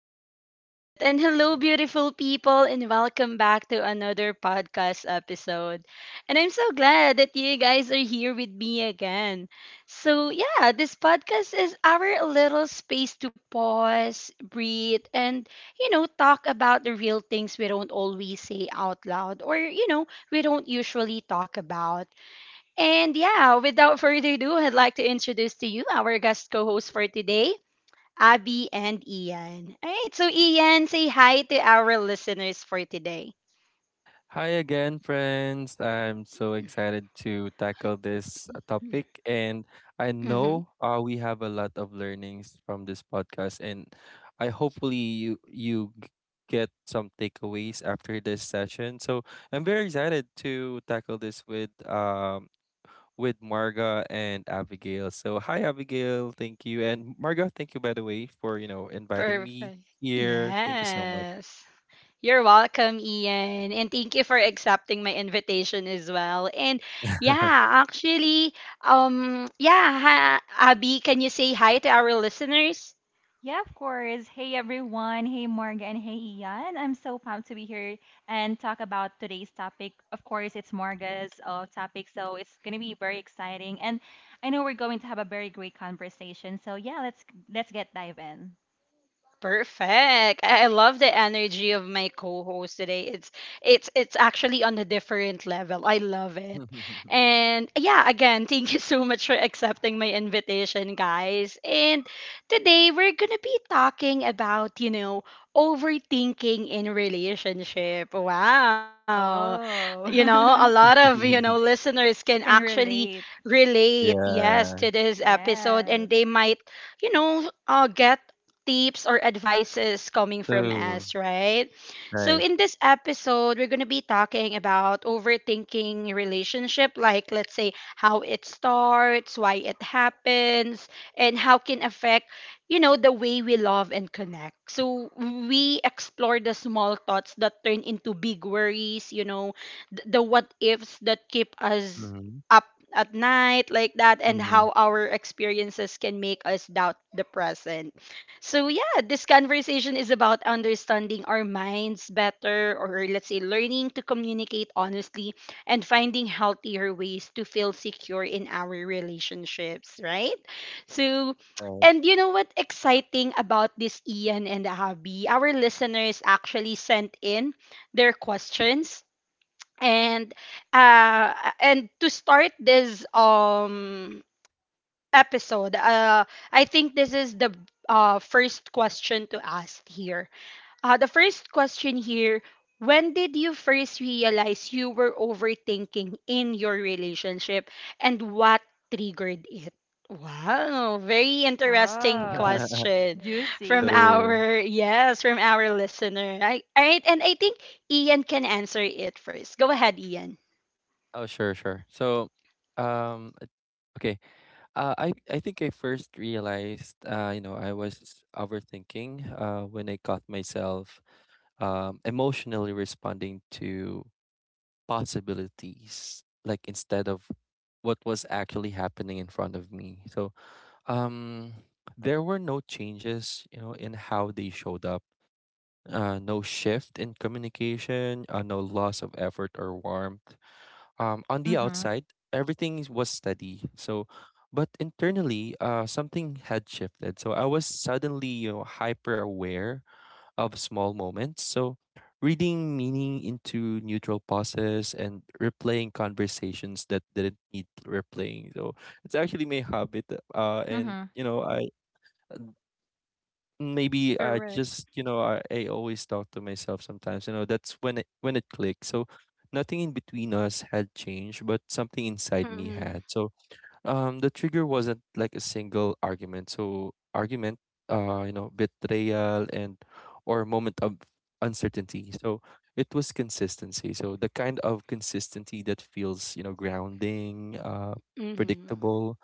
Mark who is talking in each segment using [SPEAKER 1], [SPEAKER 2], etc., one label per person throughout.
[SPEAKER 1] right. And hello, beautiful people, and welcome back to another podcast episode. And I'm so glad that you guys are here with me again. So, yeah, this podcast is our little space to pause, breathe, and, talk about the real things we don't always say out loud or we don't usually talk about. And, yeah, without further ado, I'd like to introduce to you our guest co host for today. Abby and Ian. All right, so Ian, say hi to our listeners for today.
[SPEAKER 2] Hi again, friends. I'm so excited to tackle this topic. And I
[SPEAKER 1] Mm-hmm.
[SPEAKER 2] know we have a lot of learnings from this podcast. And I hopefully you, you g- get some takeaways after this session. So I'm very excited to tackle this with Marga and Abigail. So hi Abigail, thank you. And Marga, thank you by the way for, you know, inviting me
[SPEAKER 1] Perfect.
[SPEAKER 2] here. Thank you so much.
[SPEAKER 1] Yes. You're welcome, Ian. And thank you for accepting my invitation as well. And yeah, actually, Abby, can you say hi to our listeners?
[SPEAKER 3] Yeah, of course. Hey everyone. Hey Morgan and hey Ian. I'm so pumped to be here and talk about today's topic. Of course, it's Morga's topic, so it's gonna be very exciting. And I know we're going to have a very great conversation. So yeah, let's get dive in.
[SPEAKER 1] Perfect. I love the energy of my co-host today. It's actually on a different level. I love it. And yeah, again, thank you so much for accepting my invitation, guys. And today we're going to be talking about, overthinking in relationship. Wow. You know, a lot
[SPEAKER 3] Oh,
[SPEAKER 1] of, listeners can
[SPEAKER 3] can
[SPEAKER 1] actually
[SPEAKER 3] relate.
[SPEAKER 1] relate, yes, to
[SPEAKER 2] Yeah.
[SPEAKER 1] this episode and
[SPEAKER 3] Yes.
[SPEAKER 1] they might get tips or advices coming from
[SPEAKER 2] True.
[SPEAKER 1] us, right? So
[SPEAKER 2] Right.
[SPEAKER 1] in this episode, we're going to be talking about overthinking relationship, like let's say how it starts, why it happens, and how can affect, you know, the way we love and connect. So we explore the small thoughts that turn into big worries, you know, the what ifs that keep us
[SPEAKER 2] Mhm.
[SPEAKER 1] up at night like that, and
[SPEAKER 2] Mhm.
[SPEAKER 1] how our experiences can make us doubt the present. So yeah, this conversation is about understanding our minds better, or let's say learning to communicate honestly and finding healthier ways to feel secure in our relationships, right? So,
[SPEAKER 2] Right.
[SPEAKER 1] and you know what exciting about this, Ian and Abby? Our listeners actually sent in their questions, and uh and to start this episode. I think this is the first question to ask here. The first question here, when did you first realize you were overthinking in your relationship, and what triggered it? Wow, very interesting
[SPEAKER 3] Oh,
[SPEAKER 1] question
[SPEAKER 3] juicy.
[SPEAKER 1] from
[SPEAKER 3] Yeah.
[SPEAKER 2] True.
[SPEAKER 1] our listener. All right, and I think Ian can answer it first. Go ahead, Ian.
[SPEAKER 2] Oh, sure, sure. So, um, uh, okay. I think I first realized, you know, I was overthinking, when I caught myself, emotionally responding to possibilities, like instead of what was actually happening in front of me. So, um, there were no changes, you know, in how they showed up. No shift in communication, no loss of effort or warmth. On the
[SPEAKER 3] Mhm.
[SPEAKER 2] outside, everything was steady. So, but internally, something had shifted. So I was suddenly, you know, hyper aware of small moments. So reading meaning into neutral pauses and replaying conversations that didn't need replaying. So it's actually my habit. And
[SPEAKER 3] Mhm.
[SPEAKER 2] you know, I maybe I
[SPEAKER 1] Correct.
[SPEAKER 2] just you know I always talk to myself sometimes, you know. That's when it clicked. So nothing in between us had changed, but something inside me
[SPEAKER 1] Mm-hmm.
[SPEAKER 2] had. So the trigger wasn't like a single argument. So argument you know, betrayal and or moment of uncertainty. So it was consistency. So the kind of consistency that feels, you know, grounding,
[SPEAKER 1] Mm-hmm.
[SPEAKER 2] predictable,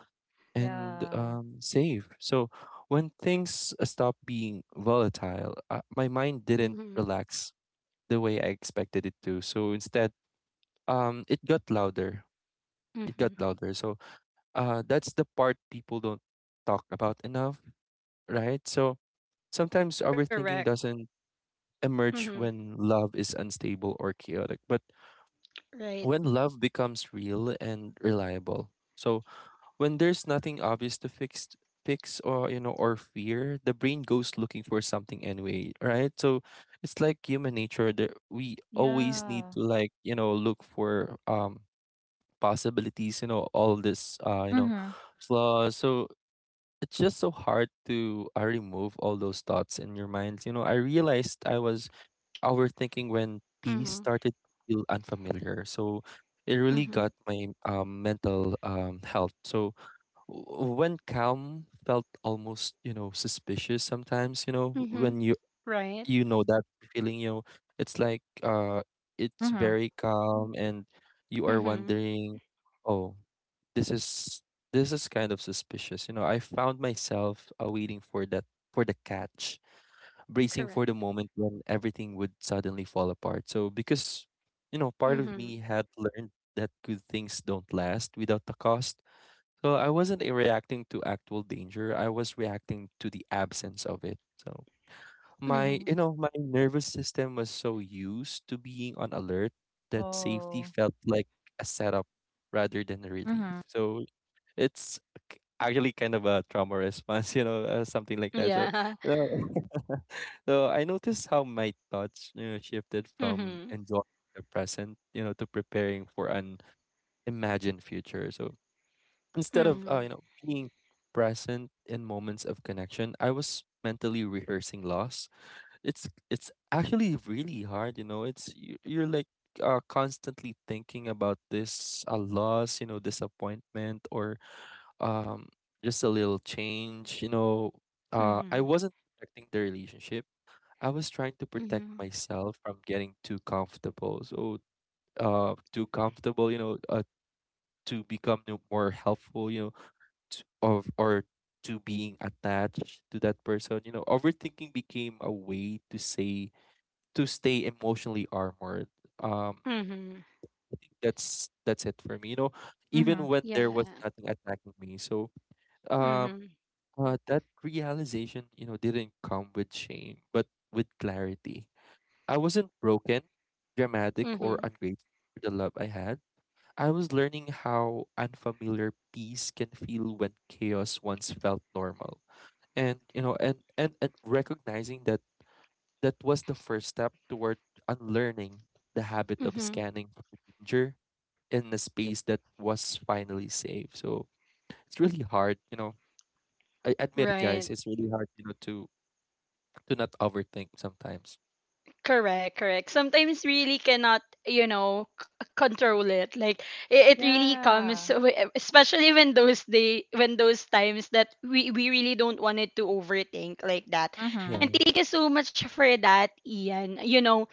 [SPEAKER 2] and
[SPEAKER 3] Yeah.
[SPEAKER 2] save. So when things stopped being volatile, my mind didn't
[SPEAKER 1] Mm-hmm.
[SPEAKER 2] relax the way I expected it to. So instead, it got louder. It
[SPEAKER 1] Mm-hmm.
[SPEAKER 2] got louder. So that's the part people don't talk about enough, right? So sometimes
[SPEAKER 1] Correct.
[SPEAKER 2] overthinking doesn't
[SPEAKER 1] Mhm.
[SPEAKER 2] emerge when love is unstable or chaotic, but
[SPEAKER 1] Right.
[SPEAKER 2] when love becomes real and reliable. So when there's nothing obvious to fix or, you know, or fear, the brain goes looking for something anyway, right? So it's like human nature that we always need
[SPEAKER 3] Yeah.
[SPEAKER 2] to, like, you know, look for possibilities, you know, all this you know,
[SPEAKER 3] Mhm.
[SPEAKER 2] flaws. So it's just so hard to remove all those thoughts in your mind. You know, I realized I was overthinking when
[SPEAKER 1] Mhm.
[SPEAKER 2] peace started to feel unfamiliar. So it really
[SPEAKER 1] Mhm.
[SPEAKER 2] got my mental health. So when calm felt almost, you know, suspicious sometimes. You know,
[SPEAKER 1] Mhm.
[SPEAKER 2] when you
[SPEAKER 1] Right.
[SPEAKER 2] you know that feeling, you know, it's like it's
[SPEAKER 3] Mhm.
[SPEAKER 2] very calm, and you are
[SPEAKER 1] Mhm.
[SPEAKER 2] wondering, oh, this is this is kind of suspicious. You know, I found myself waiting for that for the catch, bracing for the
[SPEAKER 1] Correct.
[SPEAKER 2] moment when everything would suddenly fall apart. So because, you know, part of
[SPEAKER 1] Mhm.
[SPEAKER 2] me had learned that good things don't last without the cost. So I wasn't reacting to actual danger. I was reacting to the absence of it. So
[SPEAKER 1] Mhm.
[SPEAKER 2] my, you know, my nervous system was so used to being on alert that safety
[SPEAKER 3] Oh.
[SPEAKER 2] felt like a setup rather than a
[SPEAKER 3] Mhm.
[SPEAKER 2] relief. So it's actually kind of a trauma response, you know, something like that. So,
[SPEAKER 1] Yeah.
[SPEAKER 2] uh, so I noticed how my thoughts, you know, shifted from
[SPEAKER 1] Mhm.
[SPEAKER 2] enjoying the present, you know, to preparing for an imagined future. So instead of
[SPEAKER 1] Mhm.
[SPEAKER 2] you know, being present in moments of connection, I was mentally rehearsing loss. It's actually really hard, you know. It's you're like constantly thinking about this a loss, you know, disappointment, or um just a little change, you know. I
[SPEAKER 1] Mhm.
[SPEAKER 2] wasn't protecting the relationship. I was trying to protect
[SPEAKER 1] Mhm.
[SPEAKER 2] myself from getting too comfortable. So, too comfortable, you know, to become more helpful, you know, t- of or to being attached to that person. You know, overthinking became a way to say to stay emotionally armored. Um,
[SPEAKER 1] Mhm.
[SPEAKER 2] I think that's it for me. You know,
[SPEAKER 3] Mhm.
[SPEAKER 2] even when there was
[SPEAKER 1] Yeah.
[SPEAKER 2] nothing attacking me. So, um,
[SPEAKER 1] Mhm.
[SPEAKER 2] that realization, you know, didn't come with shame, but with clarity. I wasn't broken, dramatic, or
[SPEAKER 1] Mhm.
[SPEAKER 2] ungrateful for the love I had. I was learning how unfamiliar peace can feel when chaos once felt normal, and you know, and recognizing that was the first step toward unlearning the habit of
[SPEAKER 1] Mhm.
[SPEAKER 2] scanning for danger in a space that was finally safe. So it's really hard, you know. I admit it, guys,
[SPEAKER 1] Right.
[SPEAKER 2] it's really hard, you know, to not overthink sometimes.
[SPEAKER 1] Correct, correct. Sometimes really cannot, you know, control it. Like it really comes,
[SPEAKER 3] Yeah.
[SPEAKER 1] especially when those day, when those times that we really don't want it to overthink like that.
[SPEAKER 3] Mm-hmm.
[SPEAKER 1] And
[SPEAKER 2] Yeah.
[SPEAKER 1] thank you so much for that, Ian. You know,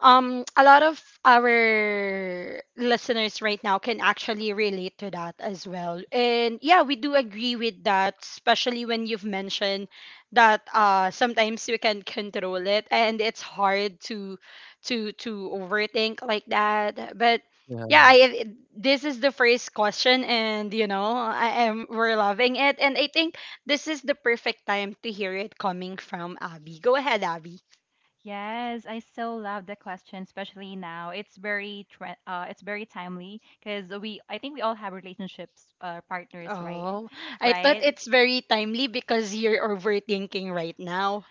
[SPEAKER 1] a lot of our listeners right now can actually relate to that as well, and yeah, we do agree with that, especially when you've mentioned that sometimes we can control it and it's hard to to overthink like that. But yeah,
[SPEAKER 2] Yeah.
[SPEAKER 1] this is the first question, and you know I am we're loving it, and I think this is the perfect time to hear it coming from Abby. Go ahead, Abby.
[SPEAKER 3] Yes, I so love the question, especially now. It's very it's very timely because we I think we all have relationships, partners, right?
[SPEAKER 1] Oh, I thought
[SPEAKER 3] Right?
[SPEAKER 1] it's very timely because you're overthinking right now.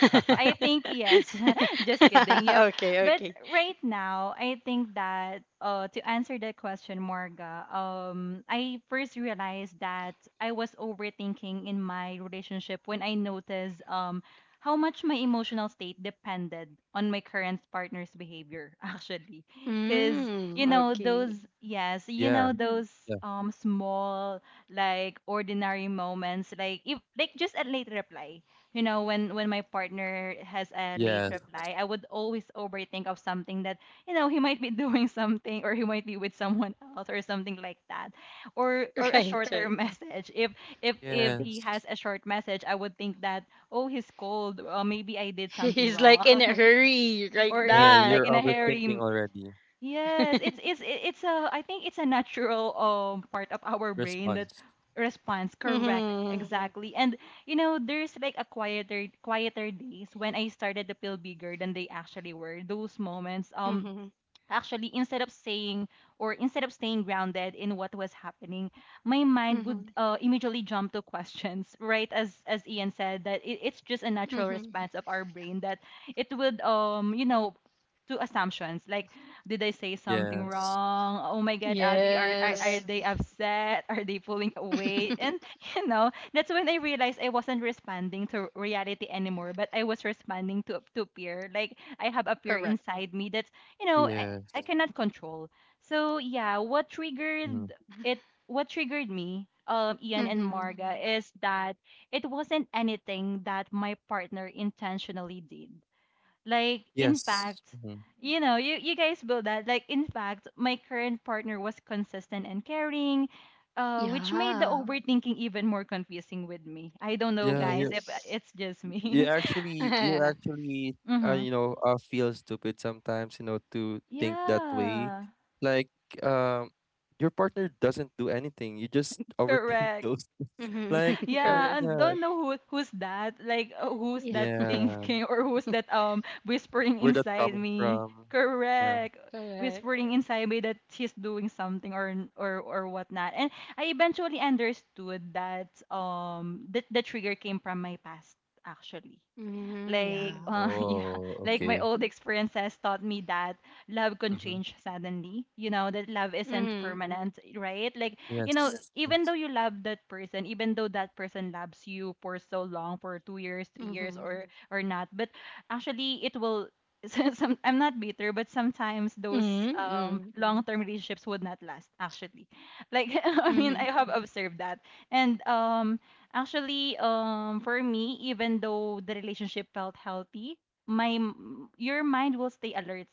[SPEAKER 3] I think yes. Just kidding. Yep.
[SPEAKER 1] Okay,
[SPEAKER 3] But
[SPEAKER 1] okay.
[SPEAKER 3] right now, I think that, to answer that question, Morga, I first realized that I was overthinking in my relationship when I noticed how much my emotional state depended on my current partner's behavior, actually. Cuz
[SPEAKER 1] Mm,
[SPEAKER 3] Mm.
[SPEAKER 1] okay.
[SPEAKER 3] those, yes, you
[SPEAKER 2] Yeah.
[SPEAKER 3] know those
[SPEAKER 2] Yeah.
[SPEAKER 3] small, like ordinary moments, like if, like, just a late reply. You know, when my partner has a late
[SPEAKER 2] Yes.
[SPEAKER 3] reply, I would always overthink of something that, he might be doing something, or he might be with someone else, or something like that. Or a
[SPEAKER 1] Right,
[SPEAKER 3] shorter
[SPEAKER 1] right.
[SPEAKER 3] message. If if he has
[SPEAKER 2] Yes.
[SPEAKER 3] a short message, I would think that, oh, he's cold. Maybe I did something
[SPEAKER 1] He's like
[SPEAKER 3] wrong,
[SPEAKER 1] in a hurry, like
[SPEAKER 3] or
[SPEAKER 2] Yeah.
[SPEAKER 3] is
[SPEAKER 1] that.
[SPEAKER 3] like
[SPEAKER 2] You're
[SPEAKER 3] in a
[SPEAKER 2] overthinking
[SPEAKER 3] hurry.
[SPEAKER 2] already.
[SPEAKER 3] Yes, it's it's a, I think, it's a natural part of our brain that
[SPEAKER 2] Response.
[SPEAKER 3] responds. Correct. Hmm,
[SPEAKER 1] Mm-hmm.
[SPEAKER 3] exactly. And, you know, there's like a quieter days when I started to feel bigger than they actually were. Those moments,
[SPEAKER 1] Mm-hmm.
[SPEAKER 3] actually, instead of saying or instead of staying grounded in what was happening, my mind would,
[SPEAKER 1] Mm-hmm.
[SPEAKER 3] immediately jump to questions, right, as Ian said. That it, it's just a natural
[SPEAKER 1] Mm-hmm.
[SPEAKER 3] response of our brain, that it would, you know, to assumptions, like, did I say something
[SPEAKER 2] Yes.
[SPEAKER 3] wrong? Oh my god. Abby,
[SPEAKER 1] Yes.
[SPEAKER 3] are they, yes, upset? Are they pulling away? And you know, that's when I realized I wasn't responding to reality anymore, but I was responding to peer. Like I have a peer
[SPEAKER 1] Correct.
[SPEAKER 3] inside me that's you know, eh,
[SPEAKER 2] Yes.
[SPEAKER 3] I cannot control. So yeah, what
[SPEAKER 2] Mm.
[SPEAKER 3] triggered it, what triggered me, Ian and
[SPEAKER 1] Mm-hmm.
[SPEAKER 3] Marga, is that it wasn't anything that my partner intentionally did. Like, in
[SPEAKER 2] Yes.
[SPEAKER 3] fact,
[SPEAKER 2] Mhm.
[SPEAKER 3] you know, you guys build that. Like, in fact, my current partner was consistent and caring, which made the
[SPEAKER 1] Yeah.
[SPEAKER 3] overthinking even more confusing with me. I don't know,
[SPEAKER 2] Yeah.
[SPEAKER 3] guys, if
[SPEAKER 1] Yes.
[SPEAKER 3] it's just
[SPEAKER 2] you
[SPEAKER 3] me.
[SPEAKER 2] actually you actually
[SPEAKER 3] Mm-hmm.
[SPEAKER 2] you know, feel stupid sometimes, you know, to think that way.
[SPEAKER 3] Yeah.
[SPEAKER 2] Like, um your partner doesn't do anything. You just overthink
[SPEAKER 3] Correct.
[SPEAKER 2] those. Like,
[SPEAKER 1] Mm-hmm.
[SPEAKER 3] Yeah,
[SPEAKER 1] Correct.
[SPEAKER 3] and
[SPEAKER 2] yeah.
[SPEAKER 3] don't know who, who's that. Like, who's
[SPEAKER 1] Yeah.
[SPEAKER 3] that
[SPEAKER 2] Yeah.
[SPEAKER 3] thinking, or who's that whispering
[SPEAKER 2] Where that
[SPEAKER 3] inside
[SPEAKER 2] coming
[SPEAKER 3] me.
[SPEAKER 2] from? Yeah.
[SPEAKER 3] Correct.
[SPEAKER 1] Correct.
[SPEAKER 3] Whispering inside me that she's doing something, or or whatnot. And I eventually understood that, that the trigger came from my past, actually.
[SPEAKER 1] Mm-hmm.
[SPEAKER 3] Like, Mm.
[SPEAKER 1] Yeah.
[SPEAKER 3] Yeah,
[SPEAKER 2] Oh,
[SPEAKER 3] like my
[SPEAKER 2] okay.
[SPEAKER 3] old experiences taught me that love can
[SPEAKER 2] Mm-hmm.
[SPEAKER 3] change suddenly. You know, that love isn't
[SPEAKER 1] Mm-hmm.
[SPEAKER 3] permanent, right? Like, you know, yes,
[SPEAKER 2] Yes.
[SPEAKER 3] even
[SPEAKER 2] Yes.
[SPEAKER 3] though you love that person, even though that person loves you for so long, for 2 years, 3 years,
[SPEAKER 1] Mm-hmm.
[SPEAKER 3] or Mm. or not, but actually, it will. Some, I'm not bitter, but sometimes those,
[SPEAKER 1] Mm-hmm.
[SPEAKER 3] Mm. long-term relationships would not last. Actually, like, I mean,
[SPEAKER 1] Mm-hmm.
[SPEAKER 3] I have observed that. And, actually, for me, even though the relationship felt healthy, your mind will stay alert.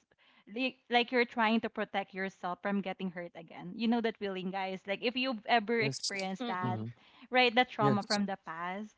[SPEAKER 3] Like you're trying to protect yourself from getting hurt again. You know that feeling, guys. Like, if you've ever
[SPEAKER 2] Yes.
[SPEAKER 3] experienced that,
[SPEAKER 1] Mm-hmm.
[SPEAKER 2] Mm-hmm.
[SPEAKER 3] right? That trauma
[SPEAKER 2] Yes.
[SPEAKER 3] from the past,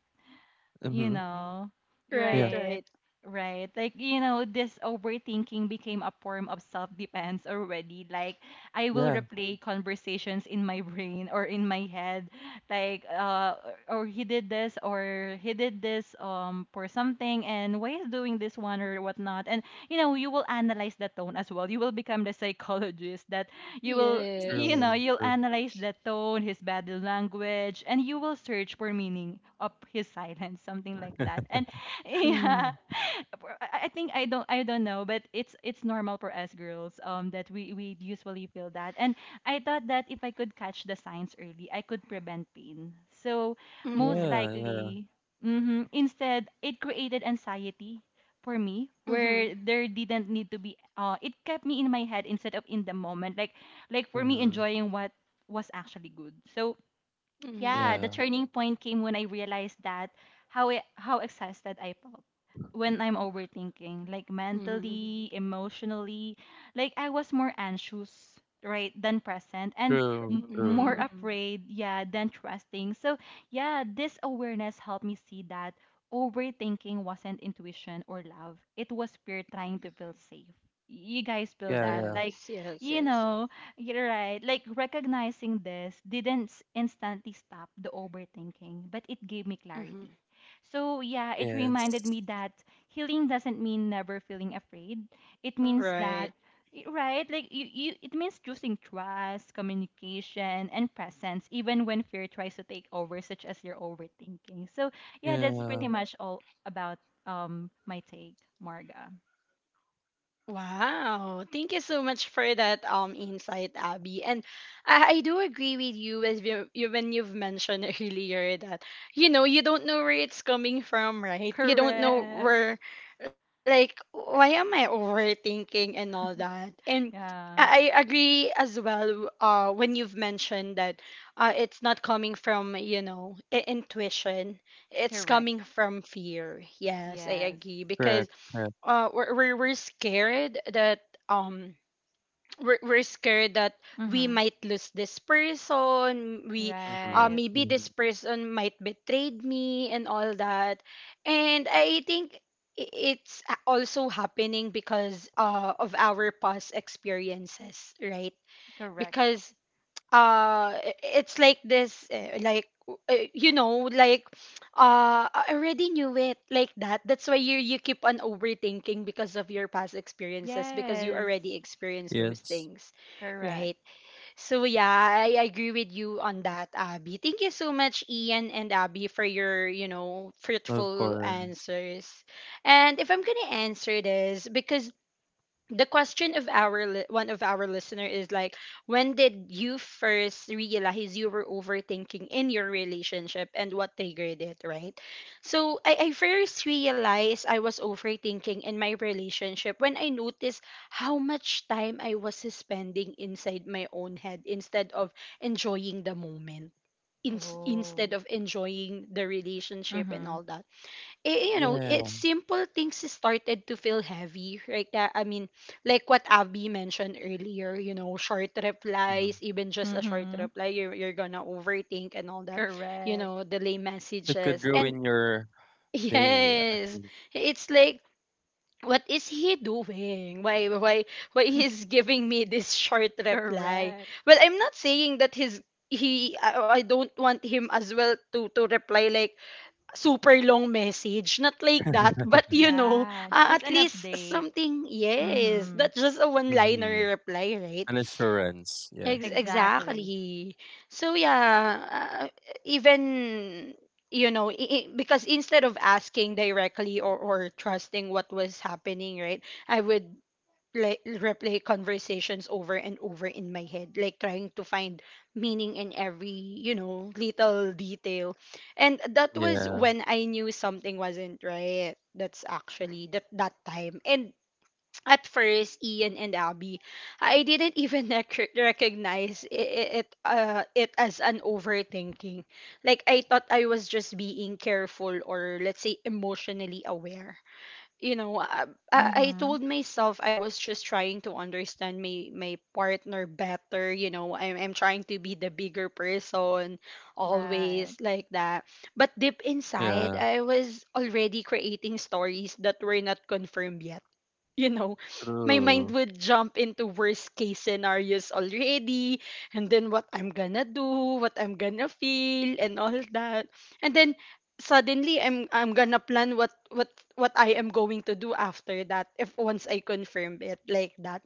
[SPEAKER 3] you
[SPEAKER 2] Mm-hmm.
[SPEAKER 3] know.
[SPEAKER 1] Right,
[SPEAKER 2] Yeah.
[SPEAKER 3] Right,
[SPEAKER 1] right.
[SPEAKER 3] right. Like, you know, this overthinking became a form of self-defense already. Like, I will
[SPEAKER 2] Yeah.
[SPEAKER 3] replay conversations in my brain, or in my head. Like, or he did this, or he did this, for something, and why is doing this one, or whatnot. And, you know, you will analyze the tone as well. You will become the psychologist that you will, you know,
[SPEAKER 2] True.
[SPEAKER 1] Yes.
[SPEAKER 3] you'll
[SPEAKER 2] True.
[SPEAKER 3] analyze the tone, his body language, and you will search for meaning of his silence, something like that. And yeah, I think I don't know, but it's normal for us girls, that we usually feel that. And I thought that if I could catch the signs early, I could prevent pain. So, most
[SPEAKER 1] Mm-hmm.
[SPEAKER 2] Yeah. Yeah.
[SPEAKER 3] likely, hmm, instead, it created anxiety for me,
[SPEAKER 1] Mm-hmm.
[SPEAKER 3] where there didn't need to be. It kept me in my head instead of in the moment. Like for me,
[SPEAKER 2] Mm-hmm.
[SPEAKER 3] enjoying what was actually good. So
[SPEAKER 1] Mm-hmm.
[SPEAKER 3] yeah, the
[SPEAKER 2] Yeah.
[SPEAKER 3] turning point came when I realized that, how how exhausted I felt when I'm overthinking. Like, Mhm.
[SPEAKER 1] Mm-hmm.
[SPEAKER 3] mentally, emotionally, like I was more anxious, right, than present, and
[SPEAKER 2] True.
[SPEAKER 3] Mhm.
[SPEAKER 2] True.
[SPEAKER 3] more
[SPEAKER 1] Mm-hmm.
[SPEAKER 3] Mhm. afraid, yeah, than trusting. So yeah, this awareness helped me see that overthinking wasn't intuition or love. It was fear trying to feel safe. You guys feel
[SPEAKER 2] Yeah.
[SPEAKER 3] that, yeah,
[SPEAKER 2] Yeah.
[SPEAKER 3] like,
[SPEAKER 1] Yes, yes,
[SPEAKER 3] you
[SPEAKER 1] yes.
[SPEAKER 3] know, you're right. Like, recognizing this didn't instantly stop the overthinking, but it gave me clarity.
[SPEAKER 1] Mm-hmm.
[SPEAKER 3] So yeah, it reminded
[SPEAKER 2] Yes.
[SPEAKER 3] me that healing doesn't mean never feeling afraid. It means, Mm-hmm. that,
[SPEAKER 1] Right.
[SPEAKER 3] right? Like, you, it means choosing trust, communication, and presence, even when fear tries to take over, such as your overthinking. So yeah, that's
[SPEAKER 2] Yeah.
[SPEAKER 3] pretty, yes, much all about my take, Marga.
[SPEAKER 1] Wow. Thank you so much for that insight, Abby. And I do agree with you as you when you've mentioned earlier that you know you don't know where it's coming from, right? You don't know
[SPEAKER 3] Correct.
[SPEAKER 1] where like why am I overthinking and all that. And
[SPEAKER 3] Yeah,
[SPEAKER 1] I agree as well when you've mentioned that it's not coming from, you know, intuition. It's
[SPEAKER 3] correct.
[SPEAKER 1] coming from fear. Yes, I
[SPEAKER 3] Yes.
[SPEAKER 1] agree because
[SPEAKER 2] Correct. Correct.
[SPEAKER 1] we're scared that um we're scared that we
[SPEAKER 3] Mm-hmm.
[SPEAKER 1] might lose this person we
[SPEAKER 2] Mhm.
[SPEAKER 3] Right.
[SPEAKER 1] Maybe this
[SPEAKER 2] Mhm.
[SPEAKER 1] person might betrayed me and all that, and I think i- it's also happening because of our past experiences, right?
[SPEAKER 3] Correct.
[SPEAKER 1] Because it's like this, like you know, like I already knew it, like that. That's why you you keep on overthinking, because of your past experiences, because you
[SPEAKER 3] Yes.
[SPEAKER 1] already experienced those
[SPEAKER 2] Yes.
[SPEAKER 1] things,
[SPEAKER 3] Correct.
[SPEAKER 1] right? So yeah, I agree with you on that, Abby. Thank you so much, Ian and Abby, for your, you know,
[SPEAKER 2] Of
[SPEAKER 1] fruitful
[SPEAKER 2] course.
[SPEAKER 1] answers. And if I'm gonna answer this, because the question of our one of our listener is like, when did you first realize you were overthinking in your relationship and what triggered it, right? So I first realized I was overthinking in my relationship when I noticed how much time I was spending inside my own head instead of enjoying the moment in, instead
[SPEAKER 3] Oh.
[SPEAKER 1] of enjoying the relationship and
[SPEAKER 3] Mm-hmm.
[SPEAKER 1] all that. You know,
[SPEAKER 2] Yeah.
[SPEAKER 1] it's simple things started to feel heavy, like that. I mean, like what Abby mentioned earlier, you know, short
[SPEAKER 2] Mhm.
[SPEAKER 1] replies, even just a short
[SPEAKER 3] Mm-hmm.
[SPEAKER 1] reply, you're gonna overthink and all that, you
[SPEAKER 3] Correct.
[SPEAKER 1] know, delay
[SPEAKER 2] It could
[SPEAKER 1] messages. And
[SPEAKER 2] ruin your day,
[SPEAKER 1] yes,
[SPEAKER 2] actually.
[SPEAKER 1] it's like, what is he doing? Why he's giving me this short reply?
[SPEAKER 3] Correct.
[SPEAKER 1] Well, I'm not saying that I don't want him as well to reply like super long message. Not like that, but you know,
[SPEAKER 3] Yeah. Just
[SPEAKER 1] at
[SPEAKER 3] an
[SPEAKER 1] least
[SPEAKER 3] update.
[SPEAKER 1] something, yes.
[SPEAKER 3] Mm-hmm.
[SPEAKER 1] Not just a one
[SPEAKER 2] Mhm.
[SPEAKER 1] liner reply, right?
[SPEAKER 2] An assurance. Yeah.
[SPEAKER 3] Exactly.
[SPEAKER 1] Exactly. So, yeah, even. You know, because instead of asking directly, or trusting what was happening, right, I would like replay conversations over and over in my head, like trying to find meaning in every you know little detail. And that was
[SPEAKER 2] Yeah.
[SPEAKER 1] when I knew something wasn't right, that's actually that that time. And at first, Ian and Abby, I didn't even recognize it as an overthinking. Like I thought I was just being careful, or let's say emotionally aware. You know, I I
[SPEAKER 3] Mm-hmm.
[SPEAKER 1] told myself I was just trying to understand my my partner better. You know, I'm trying to be the bigger person
[SPEAKER 3] Right.
[SPEAKER 1] always like that. But deep inside,
[SPEAKER 2] Yeah.
[SPEAKER 1] I was already creating stories that were not confirmed yet. You know, my mind
[SPEAKER 2] True.
[SPEAKER 1] would jump into worst case scenarios already, and then what I'm gonna do, what I'm gonna feel, and all that. And then suddenly I'm gonna plan what what I am going to do after that if once I confirm it like that.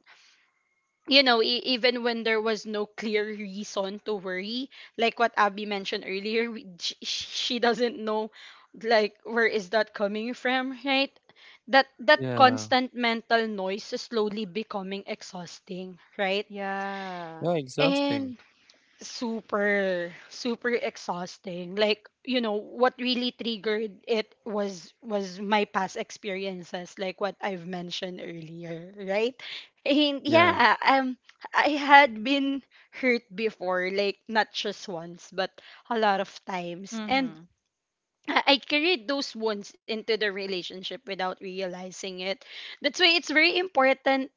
[SPEAKER 1] You know, even when there was no clear reason to worry, like what Abby mentioned earlier, she doesn't know, like, where is that coming from, right? That that
[SPEAKER 2] Yeah.
[SPEAKER 1] constant mental noise is slowly becoming exhausting, right?
[SPEAKER 3] Yeah.
[SPEAKER 2] Yeah. Exhausting.
[SPEAKER 1] And super super exhausting. Like you know, what really triggered it was my past experiences, like what I've mentioned earlier, right? And
[SPEAKER 2] Yeah.
[SPEAKER 1] yeah, I had been hurt before, like not just once but a lot of times. And
[SPEAKER 3] Mm-hmm.
[SPEAKER 1] I carried those wounds into the relationship without realizing it. That's why it's very important,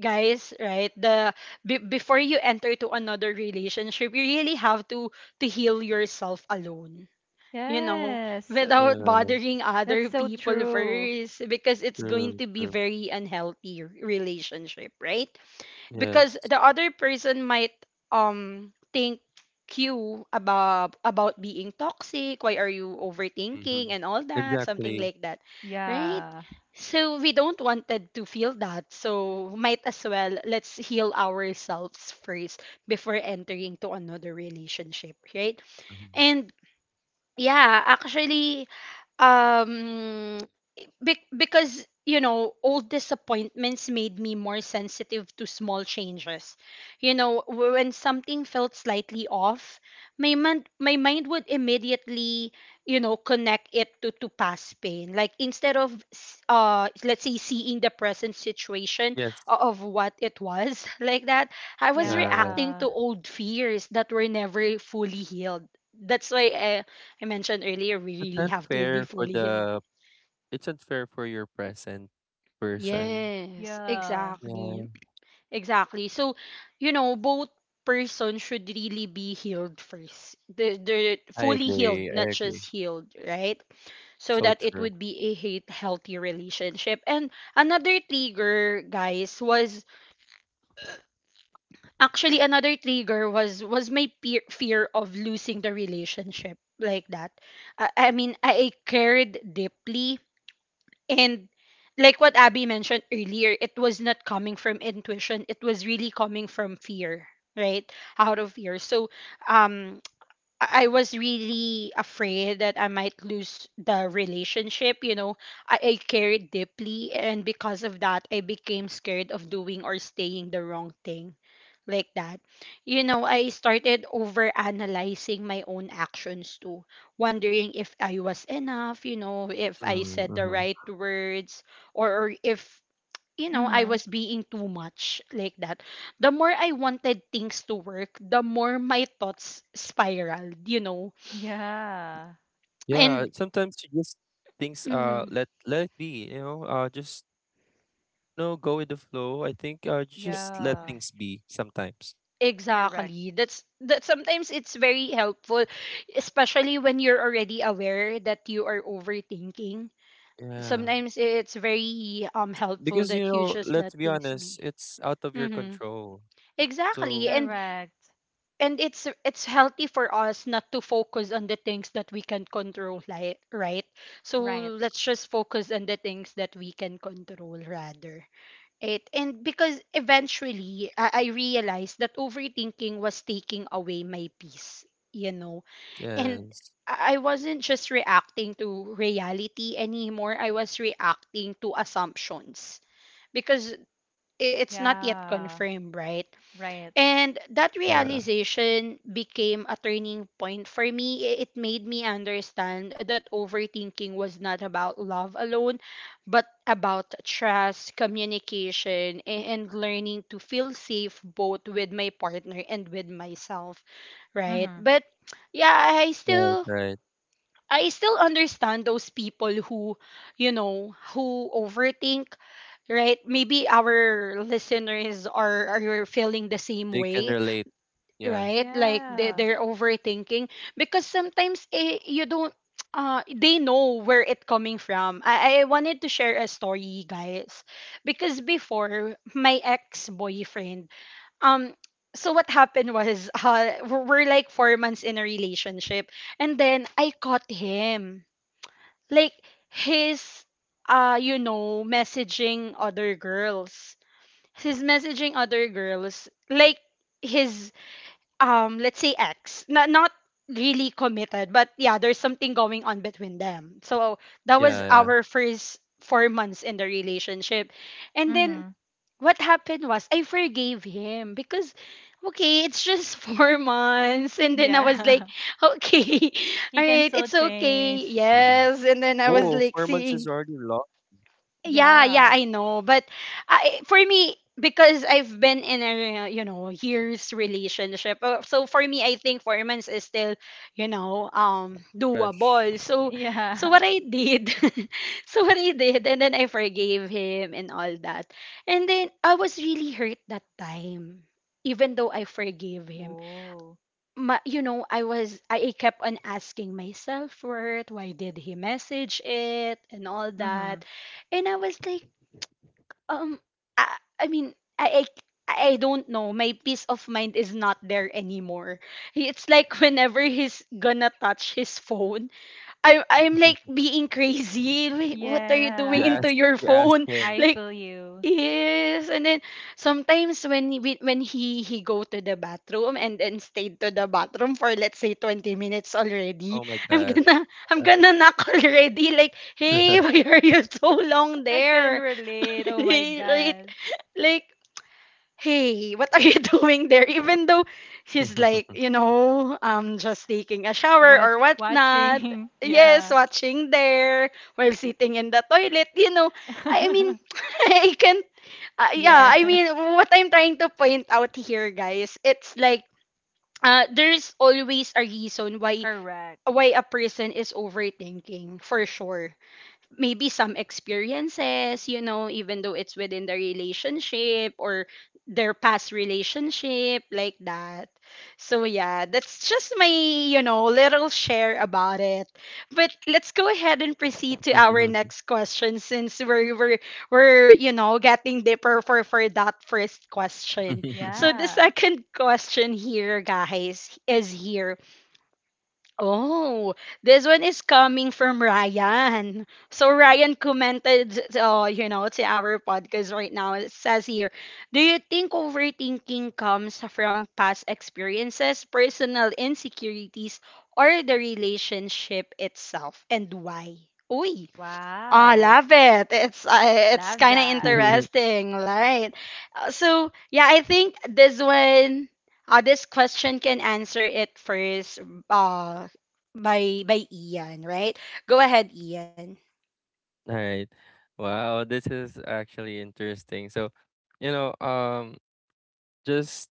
[SPEAKER 1] guys, right? The before you enter to another relationship, you really have to heal yourself alone, you know,
[SPEAKER 3] Yes, so.
[SPEAKER 1] without
[SPEAKER 2] Yes.
[SPEAKER 1] bothering
[SPEAKER 3] That's
[SPEAKER 1] other
[SPEAKER 3] so
[SPEAKER 1] people
[SPEAKER 3] true.
[SPEAKER 1] first, because it's going
[SPEAKER 2] True.
[SPEAKER 1] to be
[SPEAKER 2] True.
[SPEAKER 1] very unhealthy relationship, right? Because
[SPEAKER 2] Yes.
[SPEAKER 1] the other person might think you about being toxic, why are you
[SPEAKER 2] Hmm.
[SPEAKER 1] overthinking and all that, something
[SPEAKER 2] Exactly.
[SPEAKER 1] like that, right?
[SPEAKER 3] Yeah.
[SPEAKER 1] So we don't wanted to feel that, so might as well let's heal ourselves first before entering to another relationship, right?
[SPEAKER 2] Mhm.
[SPEAKER 1] And yeah, actually, um because you know old disappointments made me more sensitive to small changes. You know, when something felt slightly off, my mind would immediately, you know, connect it to past pain, like instead of let's say seeing the present situation
[SPEAKER 2] Yes.
[SPEAKER 1] of what it was, like that. I was
[SPEAKER 2] Yeah. Yeah.
[SPEAKER 1] reacting to
[SPEAKER 3] Yeah.
[SPEAKER 1] old fears that were never fully healed. That's why I mentioned earlier we
[SPEAKER 2] It's
[SPEAKER 1] really have to be
[SPEAKER 2] unfair for
[SPEAKER 1] fully healed.
[SPEAKER 2] the. It's unfair for your present person.
[SPEAKER 1] Yes,
[SPEAKER 3] Yeah.
[SPEAKER 1] exactly.
[SPEAKER 2] Yeah.
[SPEAKER 1] Exactly. So, you know, both person should really be healed first. They're
[SPEAKER 2] I
[SPEAKER 1] fully healed,
[SPEAKER 2] agree.
[SPEAKER 1] not
[SPEAKER 2] I agree.
[SPEAKER 1] just healed, right? So
[SPEAKER 2] So
[SPEAKER 1] that it
[SPEAKER 2] true.
[SPEAKER 1] would be a hate healthy relationship. And another trigger, guys, was actually another trigger was my peer, fear of losing the relationship like that. I mean, I cared deeply. And like what Abby mentioned earlier, it was not coming from intuition. It was really coming from fear, right? Out of fear. So um I was really afraid that I might lose the relationship. You know, I cared deeply, and because of that, I became scared of doing or saying the wrong thing like that. I started over analyzing my own actions too, wondering if I was enough, if I
[SPEAKER 2] Mm,
[SPEAKER 1] said the
[SPEAKER 2] hmm
[SPEAKER 1] right words, or if I
[SPEAKER 3] Mm-hmm.
[SPEAKER 1] was being too much like that. The more I wanted things to work, the more my thoughts spiraled.
[SPEAKER 3] Yeah.
[SPEAKER 2] Yeah.
[SPEAKER 1] And
[SPEAKER 2] Sometimes you just things
[SPEAKER 1] mhm,
[SPEAKER 2] let it be. You know. Just, no, go with the flow. I think
[SPEAKER 1] e-
[SPEAKER 2] just let
[SPEAKER 3] Yeah.
[SPEAKER 2] things be sometimes.
[SPEAKER 3] Correct.
[SPEAKER 1] exactly. That sometimes it's very helpful, especially when you're already aware that you are overthinking.
[SPEAKER 2] Yeah.
[SPEAKER 1] Sometimes it's very helpful
[SPEAKER 2] Because you
[SPEAKER 1] that you
[SPEAKER 2] know,
[SPEAKER 1] just let
[SPEAKER 2] let's be
[SPEAKER 1] things
[SPEAKER 2] honest,
[SPEAKER 1] be.
[SPEAKER 2] it's out of your
[SPEAKER 1] Hmm.
[SPEAKER 2] control.
[SPEAKER 1] Exactly.
[SPEAKER 2] So.
[SPEAKER 1] And
[SPEAKER 3] Correct.
[SPEAKER 1] and it's healthy for us not to focus on the things that we can control, like, right? So
[SPEAKER 3] Right.
[SPEAKER 1] let's just focus on the things that we can control rather. It, and because eventually, I realized that overthinking was taking away my peace you know and I
[SPEAKER 2] Yes.
[SPEAKER 1] I wasn't just reacting to reality anymore. I was reacting to assumptions because it's not yet
[SPEAKER 3] Yeah.
[SPEAKER 1] confirmed, right?
[SPEAKER 3] Right.
[SPEAKER 1] And that
[SPEAKER 2] Yeah.
[SPEAKER 1] realization became a turning point for me. It made me understand that overthinking was not about love alone, but about trust, communication, and learning to feel safe both with my partner and with myself, right?
[SPEAKER 3] Mm-hmm.
[SPEAKER 1] But yeah, I
[SPEAKER 2] Right.
[SPEAKER 1] still
[SPEAKER 2] Right.
[SPEAKER 1] I still understand those people who overthink, right? Maybe our listeners are feeling the same
[SPEAKER 2] They can
[SPEAKER 1] way,
[SPEAKER 2] relate. Yeah.
[SPEAKER 1] right? Like they,
[SPEAKER 3] Yeah.
[SPEAKER 1] they're overthinking, because sometimes you don't they know where it coming from. I wanted to share a story, guys, because before my ex-boyfriend, um so what happened was we're like 4 months in a relationship, and then I caught him, like, his, messaging other girls. His messaging other girls, like, his, let's say ex, not really committed, but yeah, there's something going on between them. So that was
[SPEAKER 2] Yeah. Yeah.
[SPEAKER 1] our first 4 months in the relationship. And then
[SPEAKER 3] Mm-hmm.
[SPEAKER 1] what happened was, I forgave him because, okay, it's just 4 months, and then I was
[SPEAKER 3] Yeah.
[SPEAKER 1] like, okay,
[SPEAKER 3] He
[SPEAKER 1] all
[SPEAKER 3] can
[SPEAKER 1] right,
[SPEAKER 3] still
[SPEAKER 1] it's
[SPEAKER 2] Mm-hmm.
[SPEAKER 1] okay.
[SPEAKER 3] change.
[SPEAKER 1] Yes.
[SPEAKER 2] Whoa!
[SPEAKER 1] And
[SPEAKER 2] Four
[SPEAKER 1] then I
[SPEAKER 2] months
[SPEAKER 1] was
[SPEAKER 2] is
[SPEAKER 1] like
[SPEAKER 2] already long.
[SPEAKER 1] seeing yeah, yeah,
[SPEAKER 3] Yeah.
[SPEAKER 1] I know. But for me, because I've been in a, you know, years relationship. So for me, I think 4 months is still, you know,
[SPEAKER 2] Fresh.
[SPEAKER 1] doable.
[SPEAKER 3] Yeah.
[SPEAKER 1] What I did, so what I did, and then I forgave him and all that. And then I was really hurt that time. Even though I forgave him,
[SPEAKER 3] Oh.
[SPEAKER 1] ma, you know, I was, I kept on asking myself for it. Why did he message it and all
[SPEAKER 3] Mm-hmm.
[SPEAKER 1] that? And I was like, um, I, I mean, I don't know. My peace of mind is not there anymore. It's like whenever he's gonna touch his phone, I'm like being crazy. Wait, what are you
[SPEAKER 2] You
[SPEAKER 1] doing
[SPEAKER 3] Yeah.
[SPEAKER 1] into
[SPEAKER 2] asked.
[SPEAKER 1] your
[SPEAKER 2] You asked
[SPEAKER 1] phone?
[SPEAKER 2] him.
[SPEAKER 3] I
[SPEAKER 1] Like,
[SPEAKER 3] feel you.
[SPEAKER 1] yes. And then sometimes when he go to the bathroom and then stayed to the bathroom for let's say 20 minutes already,
[SPEAKER 2] Oh my
[SPEAKER 1] I'm
[SPEAKER 2] god.
[SPEAKER 1] gonna I'm gonna knock already. Like, hey, why are you so long
[SPEAKER 3] I can
[SPEAKER 1] there?
[SPEAKER 3] relate. Oh my
[SPEAKER 1] Right?
[SPEAKER 3] god.
[SPEAKER 1] Like, hey, what are you doing there? Even though he's like, you know, just taking a shower
[SPEAKER 3] Watch
[SPEAKER 1] or whatnot.
[SPEAKER 3] watching.
[SPEAKER 1] Yes,
[SPEAKER 3] Yeah.
[SPEAKER 1] watching there while sitting in the toilet. You know, I mean, I can't. Yeah, I
[SPEAKER 3] yes.
[SPEAKER 1] mean, what I'm trying to point out here, guys, it's like, there's always a reason why
[SPEAKER 3] Correct.
[SPEAKER 1] why a person is overthinking, for sure. Maybe some experiences, you know, even though it's within the relationship or their past relationship, like that. So, yeah, that's just my, you know, little share about it. But let's go ahead and proceed to our next question, since we're you know, getting deeper for that first question. So, the
[SPEAKER 3] Yeah.
[SPEAKER 1] second question here, guys, is here. Oh, this one is coming from Ryan. So Ryan commented, to our podcast right now. It says here, do you think overthinking comes from past experiences, personal insecurities, or the relationship itself, and why? Uy, I
[SPEAKER 3] Wow.
[SPEAKER 1] love it. It's
[SPEAKER 3] Love
[SPEAKER 1] kind of
[SPEAKER 3] that.
[SPEAKER 1] interesting, right? So yeah, I think this one, this question can answer it first, uh, by Ian, right? Go ahead, Ian.
[SPEAKER 2] All right. Wow, this is actually interesting. So, you know, just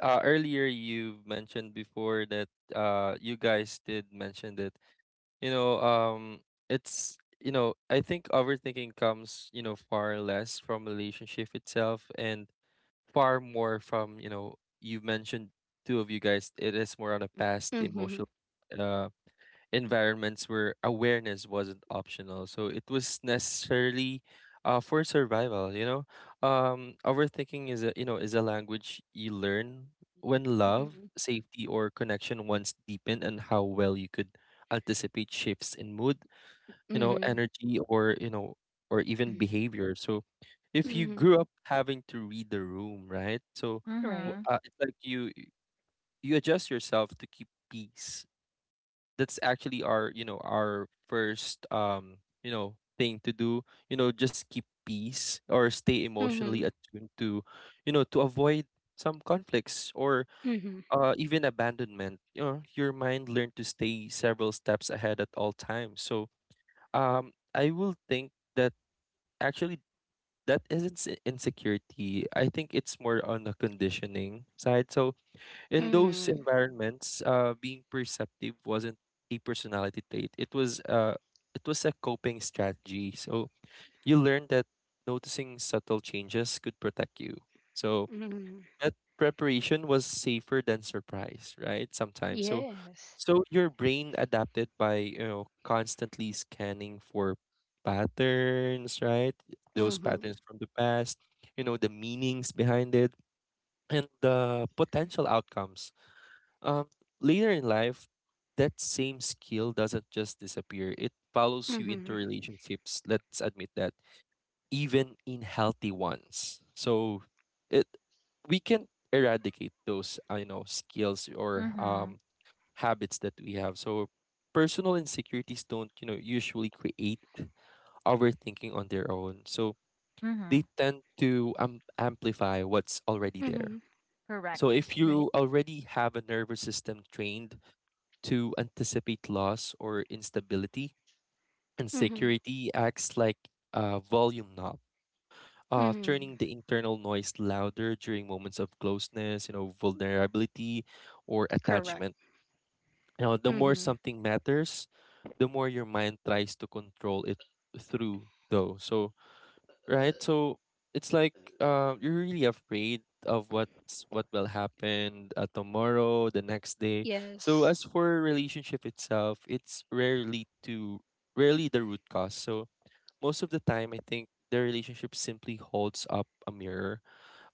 [SPEAKER 2] earlier you mentioned before that you guys did mention that, you know, it's, you know, I think overthinking comes, you know, far less from relationship itself and far more from, you know, you mentioned two of you guys, it is more on a past
[SPEAKER 1] Mm-hmm.
[SPEAKER 2] emotional uh environments where awareness wasn't optional. So it was necessarily for survival, you know. Overthinking is a language you learn when love,
[SPEAKER 1] Mm-hmm.
[SPEAKER 2] safety, or connection once deepened, and how well you could anticipate shifts in mood, you know,
[SPEAKER 1] Mm-hmm.
[SPEAKER 2] energy, or even behavior. So if you
[SPEAKER 1] Mm-hmm.
[SPEAKER 2] grew up having to read the room, right? So
[SPEAKER 3] Mm-hmm.
[SPEAKER 1] Right.
[SPEAKER 2] it's like you adjust yourself to keep peace. That's actually our, you know, our first you know, thing to do. You know, just keep peace or stay
[SPEAKER 1] Mm-hmm.
[SPEAKER 2] emotionally attuned to, you know, to avoid some conflicts or
[SPEAKER 1] Mm-hmm.
[SPEAKER 2] even abandonment. You know, your mind learned to stay several steps ahead at all times. So I will think that actually that isn't insecurity. I think it's more on the conditioning side. So in those
[SPEAKER 1] Mm-hmm.
[SPEAKER 2] environments, being perceptive wasn't a personality trait. It was a coping strategy. So you learned that noticing subtle changes could protect you. So
[SPEAKER 1] Mm-hmm.
[SPEAKER 2] that preparation was safer than surprise, right? Sometimes. So
[SPEAKER 1] Yes.
[SPEAKER 2] your brain adapted by, you know, constantly scanning for patterns, right? Those
[SPEAKER 1] Mm-hmm.
[SPEAKER 2] patterns from the past, you know, the meanings behind it and the potential outcomes. Um, later in life, that same skill doesn't just disappear. It follows you into
[SPEAKER 1] Mm-hmm.
[SPEAKER 2] relationships. Let's admit that, even in healthy ones. So, it we can eradicate those, I know, skills or
[SPEAKER 3] Mm-hmm.
[SPEAKER 2] habits that we have. So, personal insecurities don't, you know, usually create overthinking on their own. So they
[SPEAKER 3] Mm-hmm.
[SPEAKER 2] tend to amplify what's already there.
[SPEAKER 1] Mm-hmm.
[SPEAKER 3] Correct.
[SPEAKER 2] So if you
[SPEAKER 1] Right.
[SPEAKER 2] already have a nervous system trained to anticipate loss or instability, and
[SPEAKER 1] Mm-hmm.
[SPEAKER 2] security acts like a volume knob,
[SPEAKER 1] Mm-hmm.
[SPEAKER 2] turning the internal noise louder during moments of closeness, you know, vulnerability, or
[SPEAKER 1] Correct.
[SPEAKER 2] attachment. Now, the more
[SPEAKER 1] Mm-hmm.
[SPEAKER 2] something matters, the more your mind tries to control it through though. So, right? So it's like, you're really afraid of what will happen tomorrow, the next day. So
[SPEAKER 1] Yes.
[SPEAKER 2] as for relationship itself, it's rarely the root cause. So most of the time, I think the relationship simply holds up a mirror.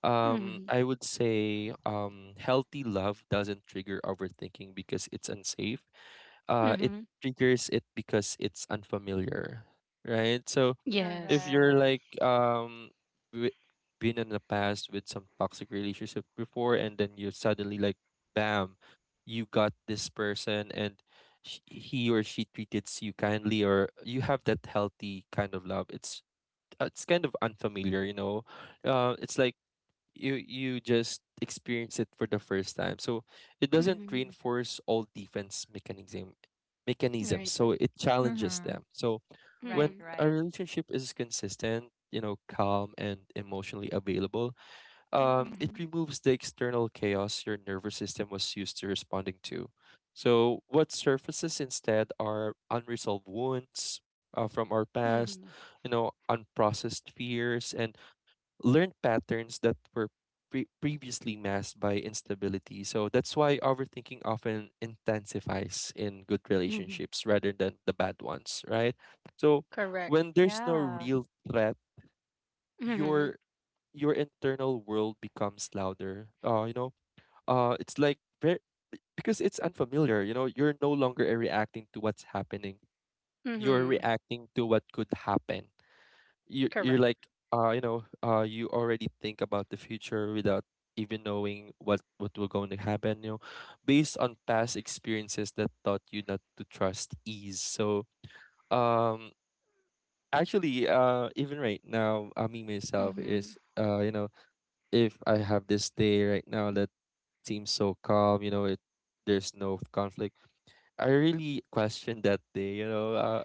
[SPEAKER 2] I would say healthy love doesn't trigger overthinking because it's unsafe. It
[SPEAKER 1] Mm-hmm.
[SPEAKER 2] triggers it because it's unfamiliar, right? So if
[SPEAKER 1] Yes.
[SPEAKER 2] you're
[SPEAKER 3] Correct.
[SPEAKER 2] like w- been in the past with some toxic relationship before, and then you suddenly, like, bam, you got this person, and he or she treats you kindly, or you have that healthy kind of love. It's kind of unfamiliar, you know. It's like you just experience it for the first time, so it doesn't
[SPEAKER 1] Mm-hmm.
[SPEAKER 2] reinforce all defense mechanisms,
[SPEAKER 1] Right,
[SPEAKER 2] so
[SPEAKER 1] right.
[SPEAKER 2] it challenges
[SPEAKER 3] Mhm.
[SPEAKER 2] them. So when
[SPEAKER 3] Right,
[SPEAKER 1] Mm-hmm.
[SPEAKER 2] a
[SPEAKER 3] right.
[SPEAKER 2] relationship is consistent, you know, calm and emotionally available,
[SPEAKER 1] Mm-hmm.
[SPEAKER 2] it removes the external chaos your nervous system was used to responding to. So what surfaces instead are unresolved wounds, from our
[SPEAKER 1] Mm-hmm.
[SPEAKER 2] past, you know, unprocessed fears and learned patterns that were previously masked by instability. So that's why overthinking often intensifies in good
[SPEAKER 1] Mm-hmm.
[SPEAKER 2] relationships rather than the bad ones, right? So
[SPEAKER 1] Correct.
[SPEAKER 2] when there's no
[SPEAKER 3] Yeah.
[SPEAKER 2] real threat,
[SPEAKER 1] Mm-hmm.
[SPEAKER 2] your your internal world becomes louder. It's like very, because it's unfamiliar. You know, you're no longer reacting to what's happening. You're
[SPEAKER 1] Mm-hmm.
[SPEAKER 2] reacting to what could happen. You're
[SPEAKER 1] Correct.
[SPEAKER 2] like you already think about the future without even knowing what will going to happen, you know, based on past experiences that taught you not to trust ease. So um actually, even right now, I mean, myself is,
[SPEAKER 1] Mm-hmm.
[SPEAKER 2] you know, if I have this day right now that seems so calm, you know, it, there's no conflict, I really question that day, you know.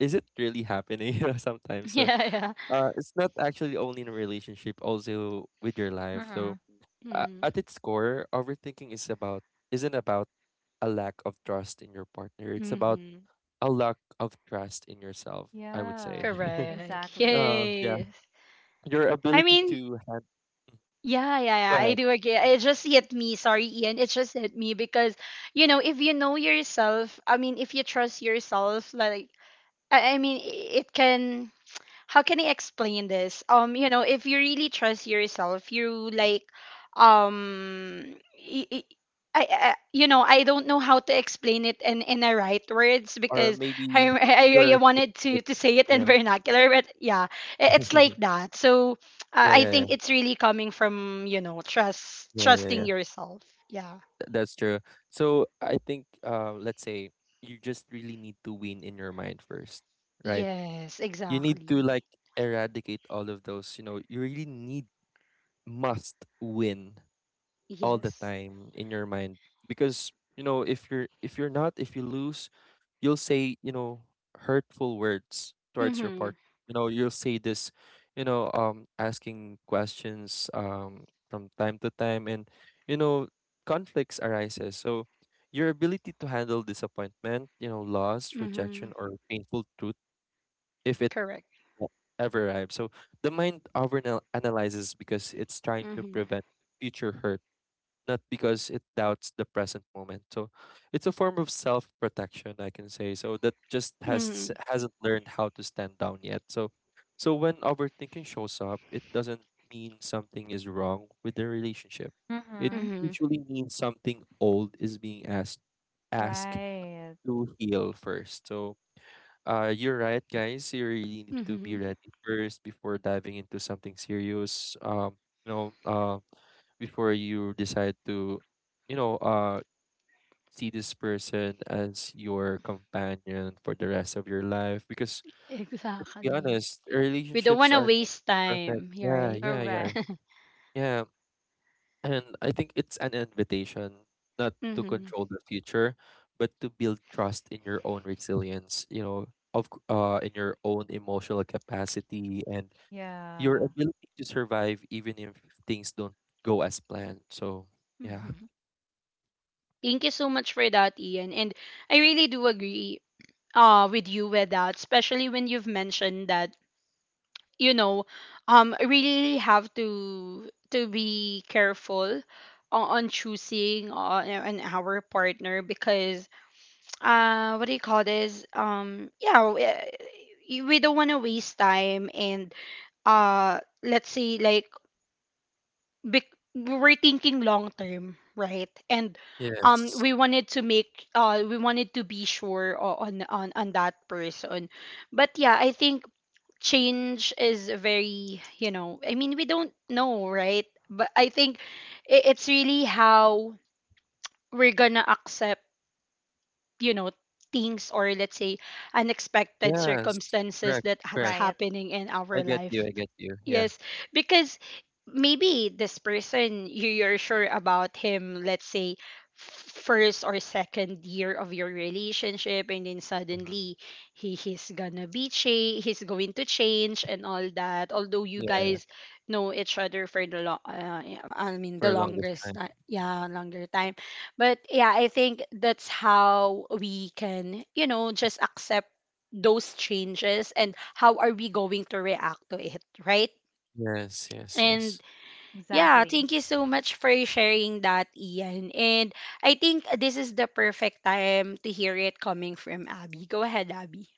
[SPEAKER 2] Is it really happening? You know, sometimes. So
[SPEAKER 1] Yeah, yeah.
[SPEAKER 2] it's not actually only in a relationship, also with your
[SPEAKER 3] Mhm.
[SPEAKER 2] life. So
[SPEAKER 3] Mm-hmm.
[SPEAKER 1] Mm-hmm.
[SPEAKER 2] at its core, overthinking is about isn't about a lack of trust in your partner. It's about
[SPEAKER 1] Mm-hmm.
[SPEAKER 2] a lack of trust in yourself, I would say.
[SPEAKER 3] Yeah. Correct.
[SPEAKER 1] Correct.
[SPEAKER 3] Exactly.
[SPEAKER 2] Yeah,
[SPEAKER 1] Yes.
[SPEAKER 2] your
[SPEAKER 1] I
[SPEAKER 2] ability
[SPEAKER 1] mean,
[SPEAKER 2] to hand,
[SPEAKER 1] yeah, yeah,
[SPEAKER 2] go
[SPEAKER 1] yeah. I
[SPEAKER 2] ahead,
[SPEAKER 1] do agree. It just hit me. Sorry, Ian. It just hit me because, if you know yourself, I mean, if you trust yourself, like, I mean, I- it can how can I explain this? If you really trust yourself, you like, um, y- y- I don't know how to explain it in the right words
[SPEAKER 2] or
[SPEAKER 1] because I,
[SPEAKER 2] maybe
[SPEAKER 1] I
[SPEAKER 2] your,
[SPEAKER 1] wanted to say it in
[SPEAKER 2] yeah.
[SPEAKER 1] vernacular, but yeah, it's like that. So
[SPEAKER 2] Yeah,
[SPEAKER 1] I
[SPEAKER 2] yeah, yeah,
[SPEAKER 1] think it's really coming from,
[SPEAKER 2] yeah, yeah, yeah.
[SPEAKER 1] trusting yourself. Yeah.
[SPEAKER 2] That's true. So I think, let's say you just really need to win in your mind first, right?
[SPEAKER 1] Yes,
[SPEAKER 2] You need to like
[SPEAKER 1] exactly.
[SPEAKER 2] eradicate all of those, you know. You really need, must win all the
[SPEAKER 1] Yes.
[SPEAKER 2] time in your mind, because, you know, if you're not, if you lose, you'll say, you know, hurtful words towards your
[SPEAKER 1] Mm-hmm.
[SPEAKER 2] partner. You know, you'll say this, you know, asking questions from time to time. And, you know, conflicts arises. So your ability to handle disappointment, you know, loss, rejection,
[SPEAKER 1] Mm-hmm.
[SPEAKER 2] or painful truth, if it,
[SPEAKER 1] Correct.
[SPEAKER 2] that ever arrive. So the mind analyzes because it's trying to
[SPEAKER 1] Mm-hmm.
[SPEAKER 2] prevent future hurt, not because it doubts the present moment. So it's a form of self protection, I can say. So that just hasn't learned how to stand down yet. So so when overthinking shows up, it doesn't mean something is wrong with the relationship. It
[SPEAKER 3] Mhm.
[SPEAKER 1] Mm-hmm.
[SPEAKER 2] usually means something old is being asked
[SPEAKER 3] Right.
[SPEAKER 2] to heal first. So you're right, guys. You really need to be
[SPEAKER 1] Mm-hmm.
[SPEAKER 2] ready first before diving into something serious. You know, before you decide to, you know, see this person as your companion for the rest of your life. Because, to be
[SPEAKER 1] Exactly.
[SPEAKER 2] honest,
[SPEAKER 1] We don't want
[SPEAKER 2] relationships
[SPEAKER 1] to
[SPEAKER 2] are not
[SPEAKER 1] waste time.
[SPEAKER 2] perfect.
[SPEAKER 1] Yeah,
[SPEAKER 2] Yeah,
[SPEAKER 1] right?
[SPEAKER 2] yeah, yeah,
[SPEAKER 3] Correct.
[SPEAKER 2] yeah. And I think it's an invitation not to
[SPEAKER 1] Mm-hmm.
[SPEAKER 2] control the future, but to build trust in your own resilience, you know, in your own emotional capacity and your
[SPEAKER 3] Yeah.
[SPEAKER 2] ability to survive even if things don't go as planned. So, yeah.
[SPEAKER 1] Mm-hmm. Thank you so much for that, Ian. And I really do agree, with you with that, especially when you've mentioned that, you know, really have to be careful on choosing, an our partner because, what do you call this? Yeah, we don't want to waste time, and let's say like, we're thinking long term, right? And
[SPEAKER 2] Yes.
[SPEAKER 1] we wanted to be sure on that person. But yeah, I think change is very. I mean, we don't know, right? But I think it's really how we're gonna accept, you know, things or let's say unexpected
[SPEAKER 2] Yes.
[SPEAKER 1] circumstances
[SPEAKER 2] Correct.
[SPEAKER 1] that that's
[SPEAKER 2] Correct.
[SPEAKER 3] Right.
[SPEAKER 1] happening in
[SPEAKER 2] I
[SPEAKER 1] our
[SPEAKER 2] get you.
[SPEAKER 1] life.
[SPEAKER 2] I get you. Yeah.
[SPEAKER 1] Yes, because maybe this person you're sure about him, let's say f- first or second year of your relationship, and then
[SPEAKER 2] Mhm.
[SPEAKER 1] suddenly he he's gonna be cha- he's going to change and all that, although you
[SPEAKER 2] Yeah,
[SPEAKER 1] guys know each other for the long yeah, I mean, the
[SPEAKER 2] for the longest time.
[SPEAKER 1] yeah, longer time. But yeah, I think that's how we can, just accept those changes and how are we going to react to it, right?
[SPEAKER 2] Yes, yes, yes.
[SPEAKER 1] And yeah,
[SPEAKER 3] Exactly.
[SPEAKER 1] thank you so much for sharing that, Ian. And I think this is the perfect time to hear it coming from Abby. Go ahead, Abby.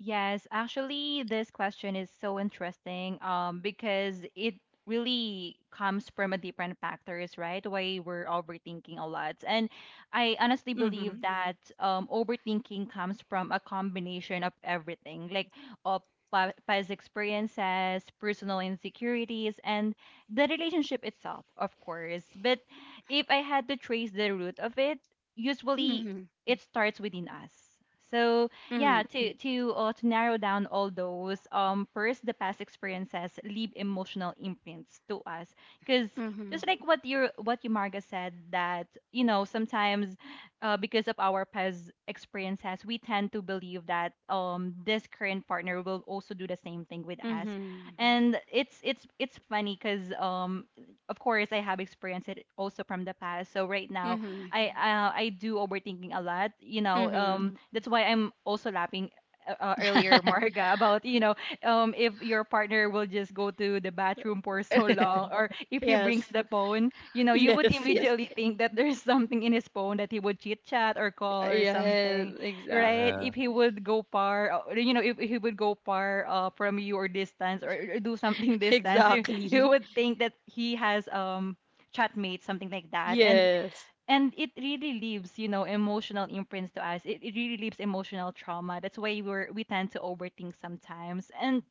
[SPEAKER 3] Yes, actually, this question is so interesting, because it really comes from a different factors, right? Why we're overthinking a lot. And I honestly believe
[SPEAKER 1] Mm-hmm.
[SPEAKER 3] that, overthinking comes from a combination of everything, like of past experiences, personal insecurities, and the relationship itself, of course. But if I had to trace the root of it, usually
[SPEAKER 1] Mm-hmm.
[SPEAKER 3] it starts within us. So
[SPEAKER 1] Mm-hmm.
[SPEAKER 3] yeah, to, to narrow down all those, first, the past experiences leave emotional imprints to us, because,
[SPEAKER 1] Mm-hmm.
[SPEAKER 3] just like what you, what you, Marga, said, that, you know, sometimes, because of our past experiences, we tend to believe that, this current partner will also do the same thing with us. And it's funny because, of course, I have experienced it also from the past. So right now,
[SPEAKER 1] Mm-hmm.
[SPEAKER 3] I, I do overthinking a lot. You know, Mm.
[SPEAKER 1] Mm-hmm.
[SPEAKER 3] that's why I'm also laughing, earlier, Marga, about, you know, if your partner will just go to the bathroom for so long, or if he brings
[SPEAKER 1] Yes.
[SPEAKER 3] the phone, you know, you would
[SPEAKER 1] Yes. Yes.
[SPEAKER 3] immediately think that there's something in his phone that he would chit chat or call or
[SPEAKER 1] Yes.
[SPEAKER 3] something, right?
[SPEAKER 2] Yeah.
[SPEAKER 1] Exactly.
[SPEAKER 3] If he would go far, you know, if he would go far, from you or distance, or do something, distance, you
[SPEAKER 1] Exactly.
[SPEAKER 3] would think that he has, chatmate, something like that.
[SPEAKER 1] Yes.
[SPEAKER 3] And it really leaves, you know, emotional imprints to us. It really leaves emotional trauma, that's why we're, we tend to overthink sometimes. And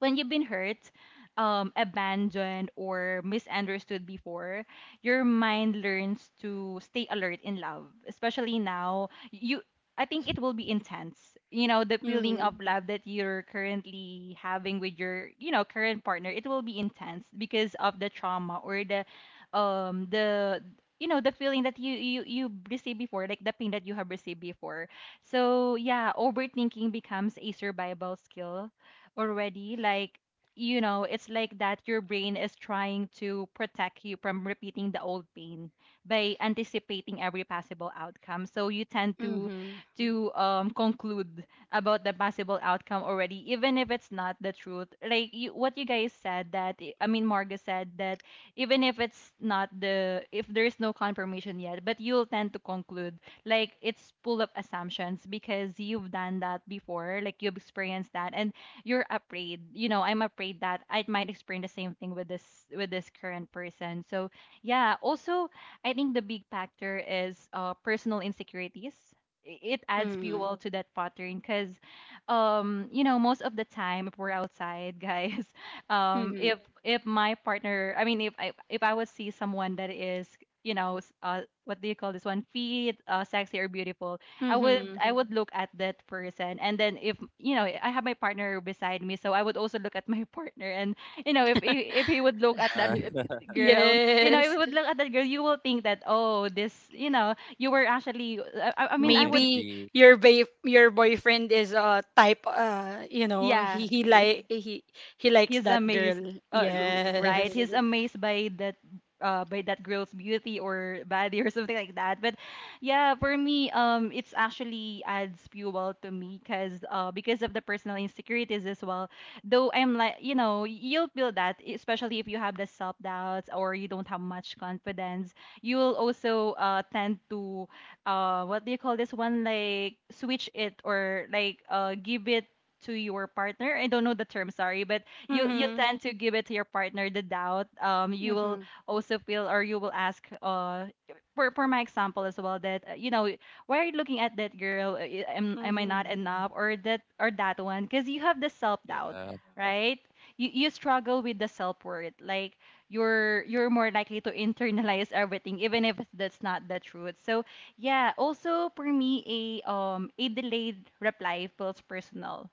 [SPEAKER 3] when you've been hurt, abandoned, or misunderstood before, your mind learns to stay alert in love, especially now. You, I think it will be intense. You know, the feeling of
[SPEAKER 1] Mhm.
[SPEAKER 3] love that you're currently having with your, you know, current partner, it will be intense because of the trauma or the you know the feeling that you received before, like the pain that you have received before. So yeah, overthinking becomes a survival skill already. Like, you know, it's like that your brain is trying to protect you from repeating the old pain by anticipating every possible outcome, so you tend to
[SPEAKER 1] Mhm.
[SPEAKER 3] to um conclude about the possible outcome already, even if it's not the truth. Like you, what you guys said, that I mean Marga said that even if it's not the, if there is no confirmation yet, but you'll tend to conclude, like it's full of assumptions because you've done that before, like you've experienced that. And you're afraid, you know, I'm afraid that I might experience the same thing with this, with this current person. So yeah, also I think the big factor is personal insecurities. It adds
[SPEAKER 1] Mhm.
[SPEAKER 3] fuel to that pattern because you know, most of the time if we're outside guys,
[SPEAKER 1] Mhm.
[SPEAKER 3] if my partner, I mean, if I would see someone that is you know what do you call this one feet sexy or beautiful, I would
[SPEAKER 1] Mhm.
[SPEAKER 3] I would look at that person. And then, if you know, I have my partner beside me, so I would also look at my partner. And you know, if he would look at that
[SPEAKER 2] Uh,
[SPEAKER 3] girl, you know, if he
[SPEAKER 1] Yes.
[SPEAKER 3] would look at that girl, you will think that, oh, this, you know, you were actually I mean I would,
[SPEAKER 1] Maybe
[SPEAKER 2] OMG.
[SPEAKER 1] your your boyfriend is a, type,
[SPEAKER 3] yeah.
[SPEAKER 1] he likes
[SPEAKER 3] He's
[SPEAKER 1] that
[SPEAKER 3] amazed,
[SPEAKER 1] girl.
[SPEAKER 3] uh, r- right?
[SPEAKER 1] Yes.
[SPEAKER 3] He's Yes. amazed by that girl's beauty or body or something like that. But yeah, for me, it's actually adds fuel to me because of the personal insecurities as well. Though I'm like, you know, you'll feel that, especially if you have the self doubts or you don't have much confidence. You will also tend to what do you call this one? Like switch it or like give it to your partner. I don't know the term, sorry, but you
[SPEAKER 1] Mhm.
[SPEAKER 3] tend to give it to your partner the doubt. You will
[SPEAKER 1] Mhm.
[SPEAKER 3] also feel or you will ask for my example as well that you know, why are you looking at that girl? Am I not
[SPEAKER 1] Mhm.
[SPEAKER 3] enough? Or that, or that one, because you have the self-doubt,
[SPEAKER 2] Yeah.
[SPEAKER 3] right? You struggle with the self-worth, like you're more likely to internalize everything even if that's not the truth. So yeah, also for me, a delayed reply feels personal.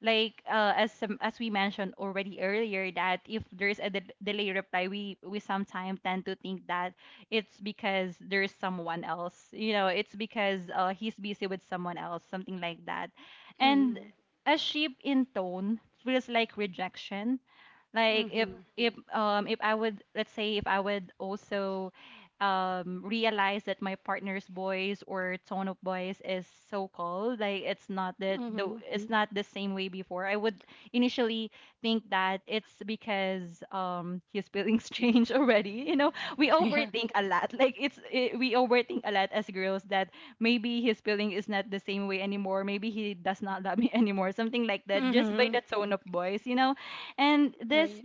[SPEAKER 3] Like as as we mentioned already earlier, that if there's a delay reply, we sometimes tend to think that it's because there's someone else, you know, it's because he's busy with someone else, something like that. And
[SPEAKER 1] Mhm.
[SPEAKER 3] a shift in tone feels like rejection. Like if
[SPEAKER 1] Mhm.
[SPEAKER 3] if if I would, let's say, if I would also realize that my partner's voice or tone of voice is so cold, like it's not that the,
[SPEAKER 1] Mhm.
[SPEAKER 3] it's not the same way before. I would initially think that it's because his feelings change already. You know, we
[SPEAKER 1] Yeah.
[SPEAKER 3] overthink a lot. Like it's it, we overthink a lot as girls, that maybe his feeling is not the same way anymore. Maybe he does not love me anymore. Something like that, just by
[SPEAKER 1] Mhm.
[SPEAKER 3] the tone of voice, you know. And
[SPEAKER 1] Right.
[SPEAKER 3] this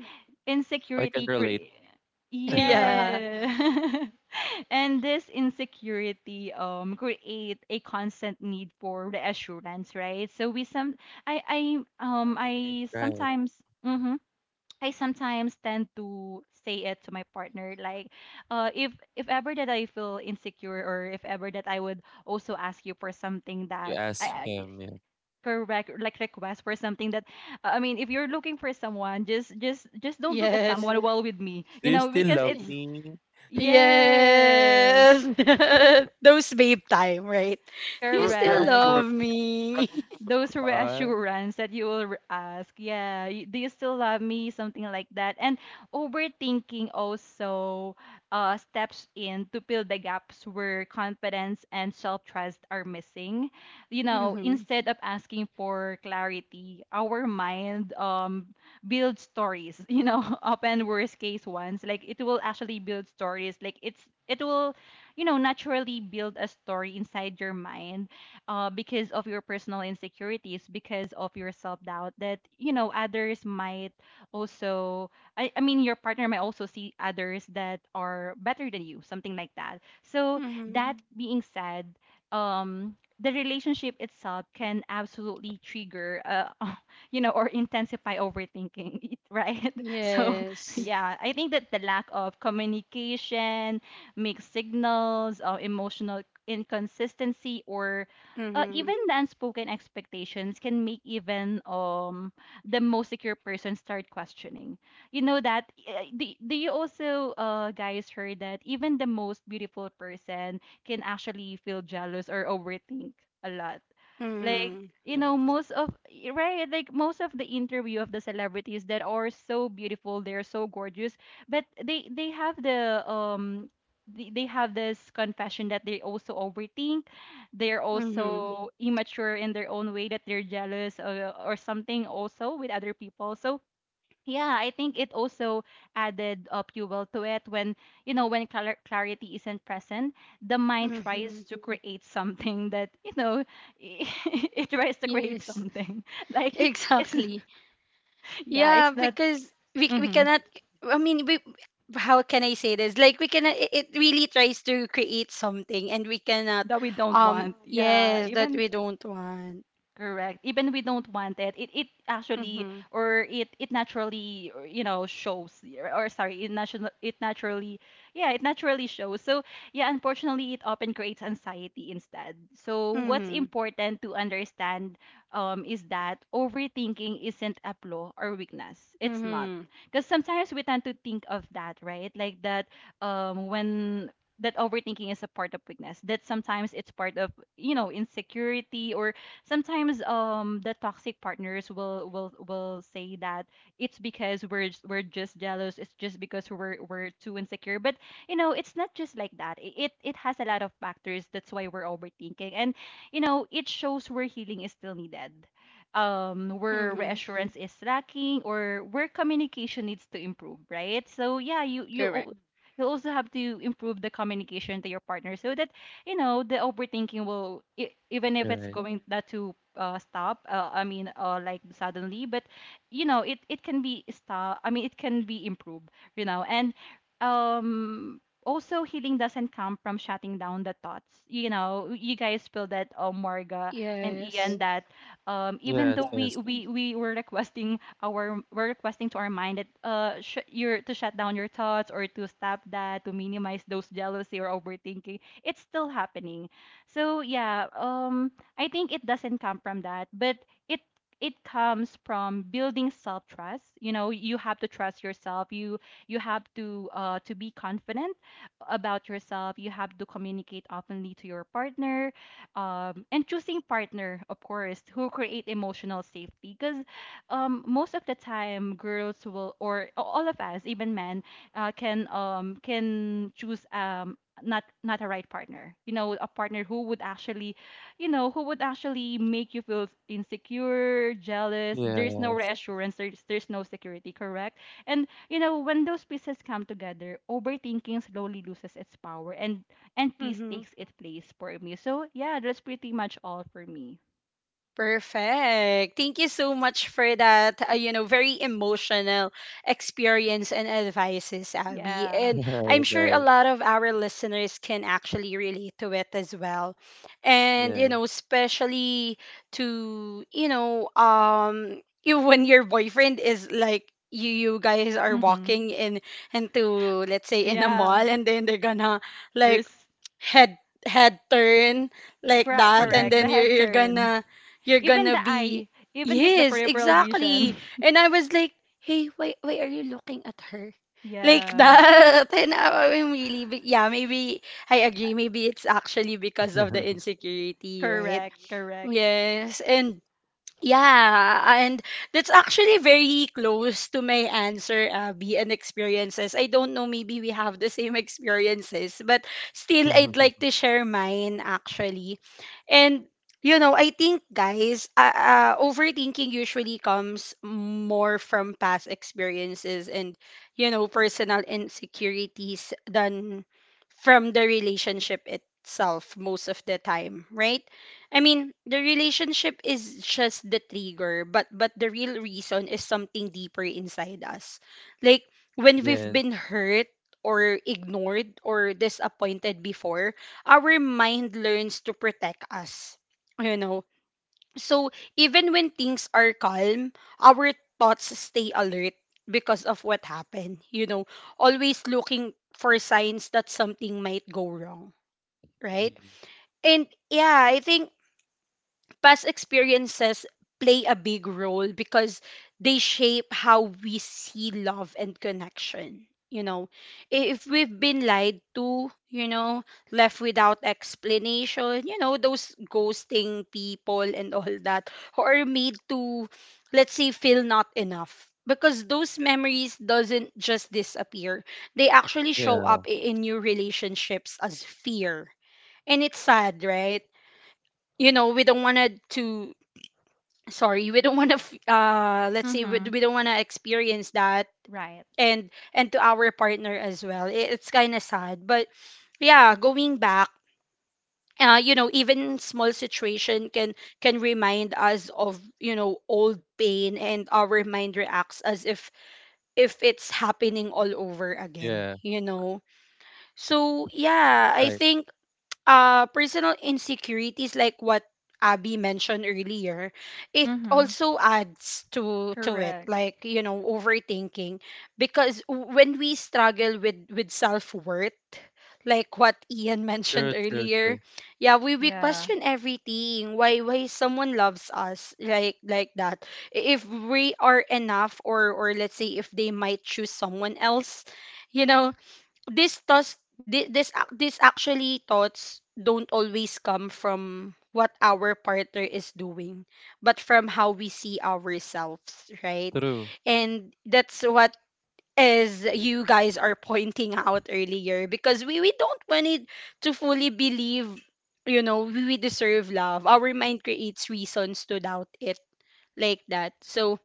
[SPEAKER 2] I can
[SPEAKER 3] insecurity
[SPEAKER 2] relate.
[SPEAKER 1] Yeah.
[SPEAKER 3] yeah. And this insecurity create a constant need for reassurance, right? So we some, I I
[SPEAKER 2] Right,
[SPEAKER 3] I
[SPEAKER 2] right.
[SPEAKER 3] sometimes, mhm, I sometimes tend to say it to my partner, like if ever that I feel insecure, or if ever that I would also ask you for something
[SPEAKER 2] You
[SPEAKER 3] that
[SPEAKER 2] ask
[SPEAKER 3] I
[SPEAKER 2] him, yeah.
[SPEAKER 3] correct, like request for something that I mean, if you're looking for someone, just just don't look at someone while with me,
[SPEAKER 2] Do
[SPEAKER 3] you
[SPEAKER 2] you
[SPEAKER 3] know,
[SPEAKER 2] still
[SPEAKER 3] because
[SPEAKER 2] love
[SPEAKER 3] it's
[SPEAKER 1] Yes.
[SPEAKER 2] me?
[SPEAKER 3] yes,
[SPEAKER 1] Yes. Those babe time, right? You
[SPEAKER 2] Do, do I
[SPEAKER 1] still
[SPEAKER 3] correct,
[SPEAKER 2] still
[SPEAKER 1] love
[SPEAKER 2] look, do I still
[SPEAKER 1] me.
[SPEAKER 2] look
[SPEAKER 3] those
[SPEAKER 2] hot?
[SPEAKER 3] reassurance that you will ask, yeah, do you still love me, something like that. And overthinking also steps in to fill the gaps where confidence and self-trust are missing. You know,
[SPEAKER 1] Mm-hmm.
[SPEAKER 3] instead of asking for clarity, our mind builds stories you know, often worst case ones. Like it will actually build stories, like it's, it will, you know, naturally build a story inside your mind because of your personal insecurities, because of your self doubt, that you know, others might also. I mean, your partner might also see others that are better than you, something like that. So
[SPEAKER 1] Mm-hmm.
[SPEAKER 3] that being said, the relationship itself can absolutely trigger, you know, or intensify overthinking, right? So
[SPEAKER 1] Yes.
[SPEAKER 3] yeah, I think that the lack of communication, mixed signals, emotional inconsistency, or
[SPEAKER 1] Mm-hmm.
[SPEAKER 3] even the unspoken expectations can make even the most secure person start questioning. You know that, do, do you also guys heard that even the most beautiful person can actually feel jealous or overthink a lot, like,
[SPEAKER 1] Mm-hmm.
[SPEAKER 3] you know,
[SPEAKER 2] Yes.
[SPEAKER 3] most of, right, like most of the interview of the celebrities that are so beautiful, they're so gorgeous, but they have the they have this confession that they also overthink. They're
[SPEAKER 1] Mm-hmm.
[SPEAKER 3] also immature in their own way, that they're jealous or something also with other people. So yeah, I think it also added fuel to it when, you know, when clarity isn't present, the mind
[SPEAKER 1] Mm-hmm.
[SPEAKER 3] tries to create something that, you know, it tries to create
[SPEAKER 1] Yes.
[SPEAKER 3] something. Like it's,
[SPEAKER 1] Exactly.
[SPEAKER 3] yeah, it's
[SPEAKER 1] Yeah,
[SPEAKER 3] that,
[SPEAKER 1] because we
[SPEAKER 3] mhm,
[SPEAKER 1] cannot, I mean, we how can I say this? Like, we cannot, it really tries to create something, and we cannot,
[SPEAKER 3] that we don't want. Yeah,
[SPEAKER 1] yes, that
[SPEAKER 3] even
[SPEAKER 1] we don't want.
[SPEAKER 3] Correct. Even we don't want it, it, it actually,
[SPEAKER 1] Mm-hmm.
[SPEAKER 3] or it naturally or, you know, shows or sorry, it national, it naturally, yeah, it naturally shows. So yeah, unfortunately, it often creates anxiety instead. So what's
[SPEAKER 1] Mm-hmm.
[SPEAKER 3] important to understand is that overthinking isn't a flaw or weakness. It's not, because sometimes we tend to think of that, right? Like that, when that overthinking is a part of weakness, that sometimes it's part of, you know, insecurity, or sometimes the toxic partners will say that it's because we're we're just jealous. It's just because we're too insecure. But you know, it's not just like that. It has a lot of factors. That's why we're overthinking. And you know, it shows where healing is still needed. Where
[SPEAKER 1] Mm-hmm.
[SPEAKER 3] reassurance is lacking, or where communication needs to improve, right? So yeah,
[SPEAKER 1] Correct.
[SPEAKER 3] you'll also have to improve the communication to your partner, so that you know the overthinking will even if it's
[SPEAKER 2] Right.
[SPEAKER 3] going not to stop, I mean, like suddenly, but you know it, it can be stop, I mean, it can be improved, you know. And also, healing doesn't come from shutting down the thoughts. You know, you guys feel that, Marga and
[SPEAKER 1] Yes.
[SPEAKER 3] Ian, that even
[SPEAKER 2] Yes,
[SPEAKER 3] though we
[SPEAKER 2] yes.
[SPEAKER 3] we we were requesting our, we're requesting to our mind that you're to shut down your thoughts, or to stop that, to minimize those jealousy or overthinking, it's still happening. So yeah, I think it doesn't come from that, but it it comes from building self trust. You know, you have to trust yourself. You have to be confident about yourself. You have to communicate openly to your partner, and choosing partner, of course, who create emotional safety. Because most of the time, girls will, or all of us, even men, can choose not a right partner, you know, a partner who would actually, you know, who would actually make you feel insecure, jealous, there's
[SPEAKER 2] Yeah.
[SPEAKER 3] no reassurance, there's no security, correct. And you know, when those pieces come together, overthinking slowly loses its power, and peace
[SPEAKER 1] Mm-hmm.
[SPEAKER 3] takes its place for me. So yeah, that's pretty much all for me.
[SPEAKER 1] Perfect. Thank you so much for that, very emotional experience and advices, Abby.
[SPEAKER 3] Yeah.
[SPEAKER 1] And I'm
[SPEAKER 2] Right,
[SPEAKER 1] sure a
[SPEAKER 2] right.
[SPEAKER 1] lot of our listeners can actually relate to it as well. And, you
[SPEAKER 2] Yeah.
[SPEAKER 1] know, especially to, you know, you when your boyfriend is like, you guys are
[SPEAKER 3] Mm-hmm.
[SPEAKER 1] walking in into let's say in a
[SPEAKER 3] Yeah,
[SPEAKER 1] mall, and then they're gonna like
[SPEAKER 3] there's,
[SPEAKER 1] head head turn like
[SPEAKER 3] correct,
[SPEAKER 1] that, and
[SPEAKER 3] correct, the
[SPEAKER 1] then you're,
[SPEAKER 3] head
[SPEAKER 1] you're
[SPEAKER 3] turn,
[SPEAKER 1] gonna you're
[SPEAKER 3] even
[SPEAKER 1] gonna
[SPEAKER 3] the
[SPEAKER 1] be.
[SPEAKER 3] eye, even just the
[SPEAKER 1] Yes,
[SPEAKER 3] peripheral vision,
[SPEAKER 1] exactly. And I was like, hey, why are you looking at her like
[SPEAKER 3] yeah.
[SPEAKER 1] that? And I am really. But yeah, maybe I agree, maybe it's actually because of the insecurity, right?
[SPEAKER 3] Correct, correct.
[SPEAKER 1] Yes. And yeah, and that's actually very close to my answer, Abby, and experiences. I don't know, maybe we have the same experiences, but still, I'd like to share mine actually. And, I think, guys, overthinking usually comes more from past experiences and, you know, personal insecurities than from the relationship itself most of the time, right? I mean, the relationship is just the trigger, but the real reason is something deeper inside us. Like when we've
[SPEAKER 2] Yeah.
[SPEAKER 1] been hurt or ignored or disappointed before, our mind learns to protect us. You know. So even when things are calm, our thoughts stay alert because of what happened. You know, always looking for signs that something might go wrong, right?
[SPEAKER 2] Mm.
[SPEAKER 1] And yeah, I think past experiences play a big role because they shape how we see love and connection. If we've been lied to, left without explanation, those ghosting people and all that, or made to, let's say, feel not enough. Because those memories doesn't just disappear. They actually show
[SPEAKER 2] Yeah.
[SPEAKER 1] up in new relationships as fear. And it's sad, right? You know, we don't want to, sorry, we don't want to let's say we,
[SPEAKER 3] Mhm.
[SPEAKER 1] we don't want to experience that.
[SPEAKER 3] Right.
[SPEAKER 1] And to our partner as well, it's kind of sad. But yeah, going back, you know, even small situation can remind us of, you know, old pain, and our mind reacts as if it's happening all over again,
[SPEAKER 2] Yeah.
[SPEAKER 1] you know. So yeah, I
[SPEAKER 2] Right.
[SPEAKER 1] think personal insecurities, like what Abby mentioned earlier, it
[SPEAKER 3] Mhm.
[SPEAKER 1] also adds to it,
[SPEAKER 3] Correct.
[SPEAKER 1] like, you know, overthinking. Because when we struggle with self-worth, like what Ian mentioned
[SPEAKER 2] True, true,
[SPEAKER 1] earlier,
[SPEAKER 2] true.
[SPEAKER 1] yeah, we
[SPEAKER 3] Yeah.
[SPEAKER 1] question everything. Why someone loves us like that. If we are enough, or let's say if they might choose someone else, you know, this thoughts, this actually thoughts don't always come from what our partner is doing, but from how we see ourselves, right?
[SPEAKER 2] True.
[SPEAKER 1] And that's what is you guys are pointing out earlier, because we don't want it to fully believe, you know, we deserve love. Our mind creates reasons to doubt it like that. So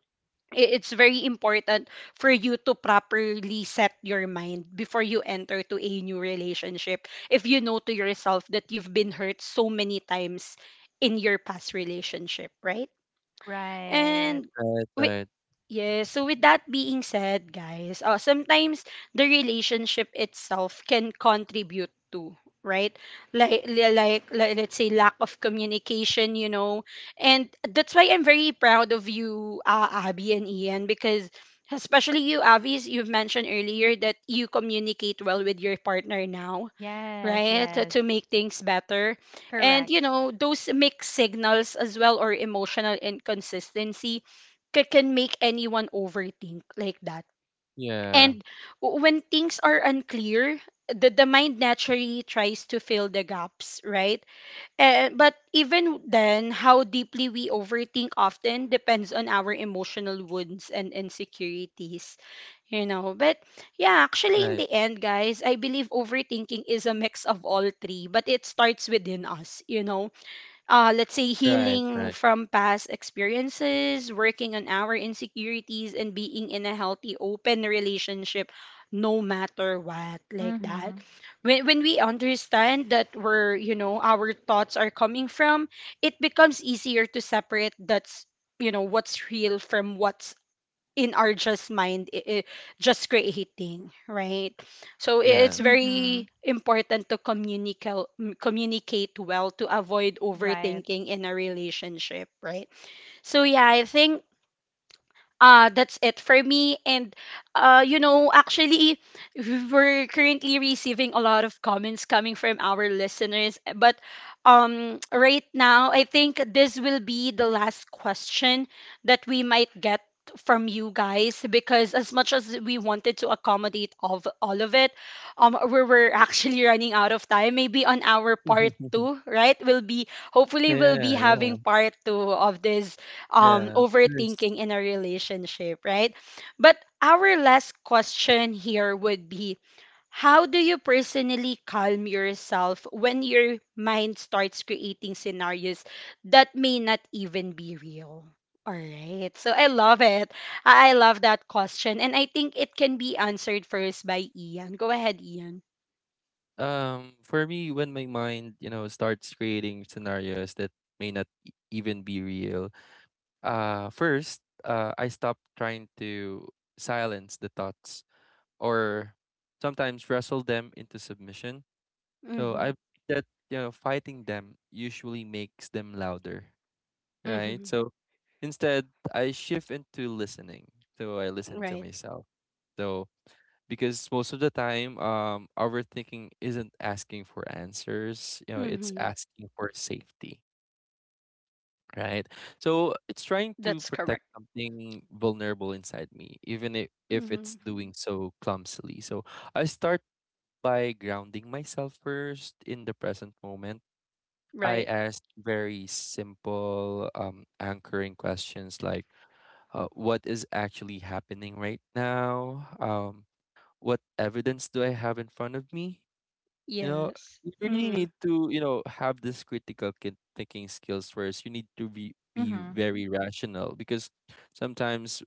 [SPEAKER 1] it's very important for you to properly set your mind before you enter to a new relationship, if you know to yourself that you've been hurt so many times in your past relationship, right?
[SPEAKER 3] Right.
[SPEAKER 1] And
[SPEAKER 2] Right,
[SPEAKER 1] wi-
[SPEAKER 2] right.
[SPEAKER 1] Yes. So with that being said, guys, sometimes the relationship itself can contribute to, right, like, like let's say lack of communication, you know. And that's why I'm very proud of you, Abby and Ian, because especially you, Abby, as you've mentioned earlier that you communicate well with your partner now,
[SPEAKER 3] Yes,
[SPEAKER 1] right?
[SPEAKER 3] yes.
[SPEAKER 1] To make things better. And,
[SPEAKER 3] Correct.
[SPEAKER 1] you know, those mixed signals as well or emotional inconsistency can make anyone overthink like that.
[SPEAKER 2] Yeah.
[SPEAKER 1] And when things are unclear, the mind naturally tries to fill the gaps, right? Eh, but even then, how deeply we overthink often depends on our emotional wounds and insecurities, you know. But yeah,
[SPEAKER 2] Right.
[SPEAKER 1] actually, in the end, guys, I believe overthinking is a mix of all three, but it starts within us, you know. Uh, let's say
[SPEAKER 2] Right, right.
[SPEAKER 1] healing from past experiences, working on our insecurities, and being in a healthy, open relationship, no matter what, like that.
[SPEAKER 3] Mhm.
[SPEAKER 1] When we understand that where, you know, our thoughts are coming from, it becomes easier to separate that's, you know, what's real from what's in our just mind just creating, right? So
[SPEAKER 2] Yeah.
[SPEAKER 1] it's very
[SPEAKER 3] Mhm.
[SPEAKER 1] important to communicate, communicate well to avoid
[SPEAKER 3] Right.
[SPEAKER 1] overthinking in a relationship, right? So yeah, I think that's it for me. And uh, you know, actually we are currently receiving a lot of comments coming from our listeners, but right now I think this will be the last question that we might get from you guys, because as much as we wanted to accommodate of all of it, we were actually running out of time. Maybe on our part two, right? We'll be, hopefully we'll
[SPEAKER 2] Yeah,
[SPEAKER 1] be
[SPEAKER 2] yeah,
[SPEAKER 1] having part two of this,
[SPEAKER 2] yeah. Of course.
[SPEAKER 1] overthinking in a relationship, right? But our last question here would be, how do you personally calm yourself when your mind starts creating scenarios that may not even be real? All right. So I love it. I love that question. And I think it can be answered first by Ian. Go ahead, Ian.
[SPEAKER 2] For me, when my mind, you know, starts creating scenarios that may not even be real, first, I stop trying to silence the thoughts or sometimes wrestle them into submission. So
[SPEAKER 1] Mm-hmm.
[SPEAKER 2] I that, you know, fighting them usually makes them louder,
[SPEAKER 1] Mm-hmm.
[SPEAKER 2] right? So instead, I shift into listening. So I listen to
[SPEAKER 1] Right.
[SPEAKER 2] myself. So because most of the time, our thinking isn't asking for answers, you know, it's
[SPEAKER 1] Mm-hmm.
[SPEAKER 2] asking for safety, right? So it's trying to
[SPEAKER 1] That's
[SPEAKER 2] protect
[SPEAKER 1] correct.
[SPEAKER 2] something vulnerable inside me, even if
[SPEAKER 1] Mm-hmm.
[SPEAKER 2] it's doing so clumsily. So I start by grounding myself first in the present moment. I
[SPEAKER 1] Right.
[SPEAKER 2] ask very simple anchoring questions like, what is actually happening right now? What evidence do I have in front of me? You know,
[SPEAKER 1] Yes.
[SPEAKER 2] you really
[SPEAKER 1] Mm-hmm.
[SPEAKER 2] need to, you know, have this critical thinking skills first. You need to be
[SPEAKER 3] Mhm.
[SPEAKER 2] very rational, because sometimes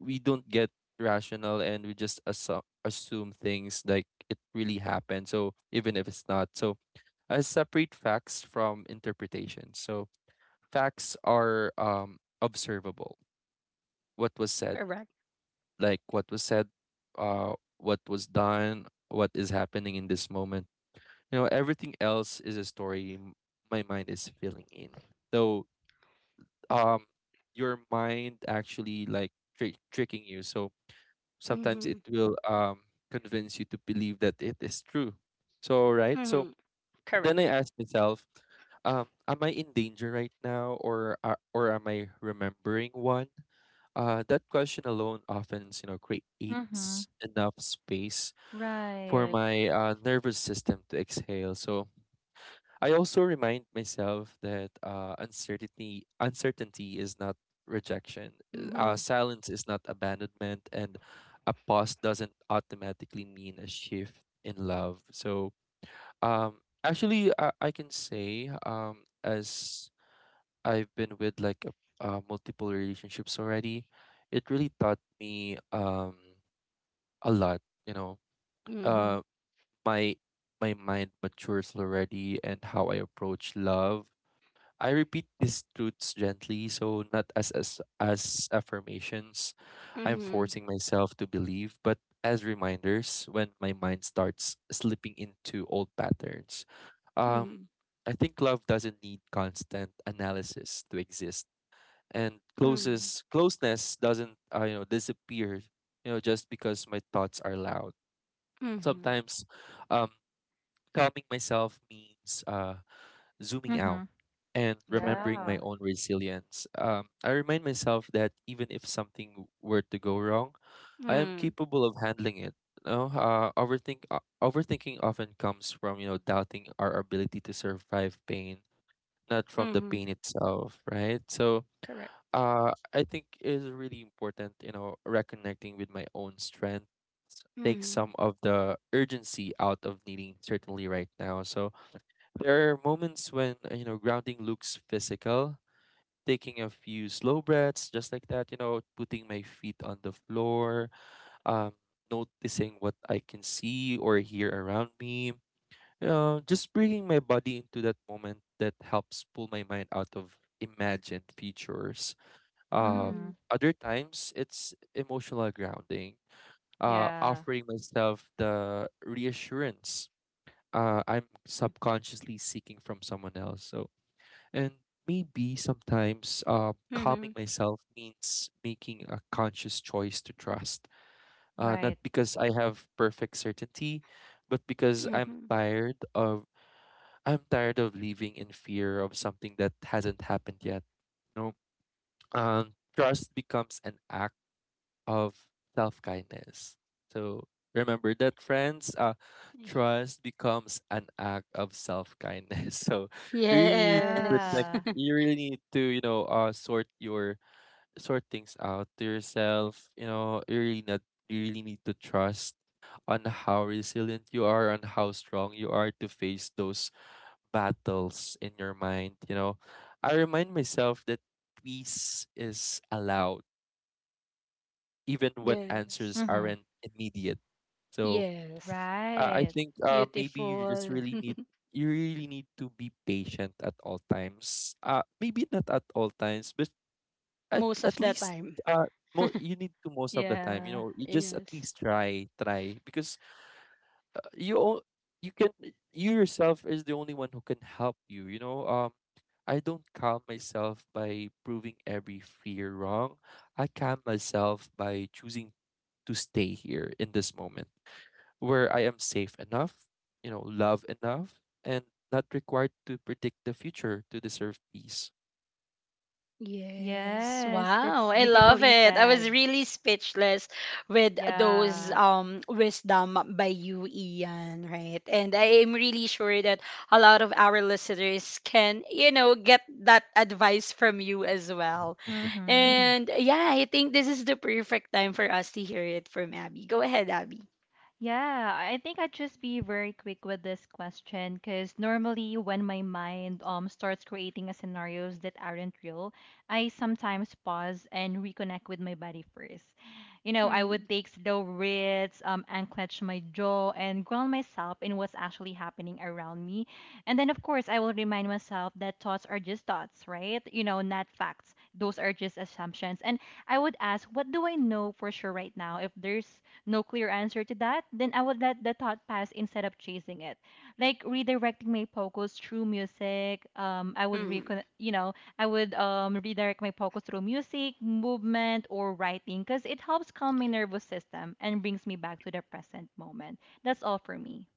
[SPEAKER 2] we don't get rational and we just assume things like it really happened, so even if it's not. So I separate facts from interpretation. So facts are, observable. What was said,
[SPEAKER 1] Correct.
[SPEAKER 2] like what was said, what was done, what is happening in this moment. You know, everything else is a story my mind is filling in. So, um, your mind actually like tricking you. So sometimes
[SPEAKER 1] Mhm.
[SPEAKER 2] it will convince you to believe that it is true. So right. So
[SPEAKER 1] Mhm. Correct.
[SPEAKER 2] then I ask myself, am I in danger right now, or are or am I remembering one? That question alone often, you know, creates
[SPEAKER 3] Mhm.
[SPEAKER 2] enough space for
[SPEAKER 3] Right.
[SPEAKER 2] my nervous system to exhale. So I also remind myself that uncertainty is not rejection.
[SPEAKER 1] Mhm.
[SPEAKER 2] Silence is not abandonment, and a pause doesn't automatically mean a shift in love. So, actually, I can say, as I've been with like a, multiple relationships already, it really taught me a lot. You know,
[SPEAKER 1] Mhm.
[SPEAKER 2] uh, my my mind matures already, and how I approach love, I repeat these truths gently, so not as, as affirmations I'm
[SPEAKER 1] Mhm.
[SPEAKER 2] forcing myself to believe, but as reminders when my mind starts slipping into old patterns. Um,
[SPEAKER 1] Mhm.
[SPEAKER 2] I think love doesn't need constant analysis to exist, and
[SPEAKER 1] Mhm.
[SPEAKER 2] closest closeness doesn't, disappear, you know, just because my thoughts are loud.
[SPEAKER 1] Mhm.
[SPEAKER 2] Sometimes, um, calming myself means zooming out
[SPEAKER 3] Mhm.
[SPEAKER 2] and
[SPEAKER 1] Correct.
[SPEAKER 2] remembering my
[SPEAKER 3] Yeah.
[SPEAKER 2] own resilience. I remind myself that even if something were to go wrong, I am
[SPEAKER 1] Mhm.
[SPEAKER 2] capable of handling it. No, overthink Overthinking often comes from, you know, doubting our ability to survive pain, not from the pain
[SPEAKER 1] Mhm.
[SPEAKER 2] itself, right? So,
[SPEAKER 1] Correct.
[SPEAKER 2] I think it is really important, you know, reconnecting with my own strength takes
[SPEAKER 1] Mhm.
[SPEAKER 2] some of the urgency out of needing certainly right now. So, there are moments when, you know, grounding looks physical, taking a few slow breaths, just like that, you know, putting my feet on the floor, um, noticing what I can see or hear around me. Just bringing my body into that moment, that helps pull my mind out of imagined features. Uh,
[SPEAKER 1] Mhm.
[SPEAKER 3] Mhm.
[SPEAKER 2] Other times, it's emotional grounding,
[SPEAKER 3] Yeah.
[SPEAKER 2] offering myself the reassurance I'm subconsciously seeking from someone else. So, and maybe sometimes calming
[SPEAKER 1] Mhm.
[SPEAKER 2] myself means making a conscious choice to trust, not
[SPEAKER 3] Right.
[SPEAKER 2] because I have perfect certainty, but because I'm
[SPEAKER 1] Mhm.
[SPEAKER 2] tired of I'm tired of living in fear of something that hasn't happened yet. You know, trust becomes an act of self kindness. So remember that, friends,
[SPEAKER 1] Y-
[SPEAKER 2] trust becomes an act of self kindness. So you really need to
[SPEAKER 1] Yes.
[SPEAKER 2] protect.
[SPEAKER 3] Yeah.
[SPEAKER 2] You really need to, you know, sort your sort things out to yourself. You know, you really not you really need to trust on how resilient you are, on how strong you are to face those battles in your mind. You know, I remind myself that peace is allowed even when answers
[SPEAKER 1] Yes.
[SPEAKER 3] Mhm.
[SPEAKER 2] aren't immediate. So
[SPEAKER 1] Yes.
[SPEAKER 2] I
[SPEAKER 3] Right.
[SPEAKER 2] think, maybe you just
[SPEAKER 1] Beautiful.
[SPEAKER 2] really need, you really need to be patient at all times. Maybe not at all times, but at
[SPEAKER 1] Most of
[SPEAKER 2] at
[SPEAKER 1] the
[SPEAKER 2] least,
[SPEAKER 1] time.
[SPEAKER 2] uh, you need to, most of the time. You
[SPEAKER 3] Yeah.
[SPEAKER 2] know, you just at
[SPEAKER 1] Yes.
[SPEAKER 2] least try, try, because, uh, you o- you can, you yourself is the only one who can help you. You know, I don't calm myself by proving every fear wrong. I calm myself by choosing to stay here in this moment where I am safe enough, you know, love enough, and not required to predict the future to deserve peace.
[SPEAKER 1] Yes.
[SPEAKER 3] Yes,
[SPEAKER 1] Wow.
[SPEAKER 3] that's
[SPEAKER 1] I love
[SPEAKER 3] beautifully
[SPEAKER 1] it. I
[SPEAKER 3] said.
[SPEAKER 1] was really speechless with those
[SPEAKER 3] Yeah.
[SPEAKER 1] wisdom by you, Ian, right? And I am really sure that a lot of our listeners can, you know, get that advice from you as well.
[SPEAKER 3] Mhm.
[SPEAKER 1] And yeah, I think this is the perfect time for us to hear it from Abby. Go ahead, Abby.
[SPEAKER 3] Yeah, I think I'd just be very quick with this question, because normally when my mind starts creating a scenarios that aren't real, I sometimes pause and reconnect with my body first. You know, I
[SPEAKER 1] Mm-hmm.
[SPEAKER 3] would take slow breaths, unclench my jaw, and ground myself in what's actually happening around me. And then, of course, I will remind myself that thoughts are just thoughts, right? You know, not facts. Those are just assumptions. And I would ask, what do I know for sure right now? If there's no clear answer to that, then I would let the thought pass instead of chasing it. Like redirecting my focus through music. You know, I would redirect my focus through music, movement, or writing, because it helps calm my nervous system and brings me back to the present moment. That's all for me.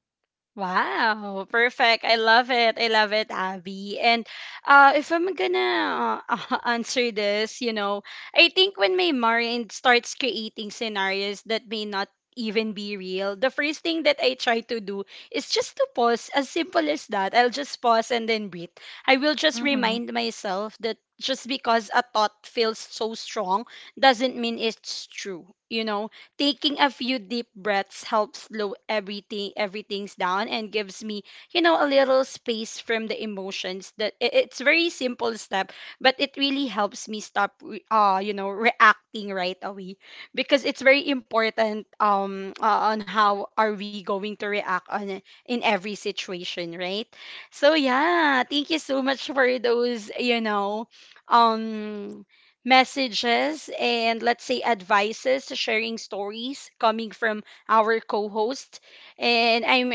[SPEAKER 1] Wow, perfect. I love it. I love it, Abby. And if I'm gonna answer this, you know, I think when my mind starts creating scenarios that may not even be real, the first thing that I try to do is just to pause, as simple as that. I'll just pause and then breathe. I will just
[SPEAKER 3] Mm-hmm.
[SPEAKER 1] remind myself that just because a thought feels so strong doesn't mean it's true. You know, taking a few deep breaths helps slow everything everything's down and gives me, you know, a little space from the emotions. That it's very simple step, but it really helps me stop you know, reacting right away, because it's very important on how are we going to react on it in every situation, right? So yeah, thank you so much for those, you know, um messages and let's say advices, sharing stories coming from our co-host. And I'm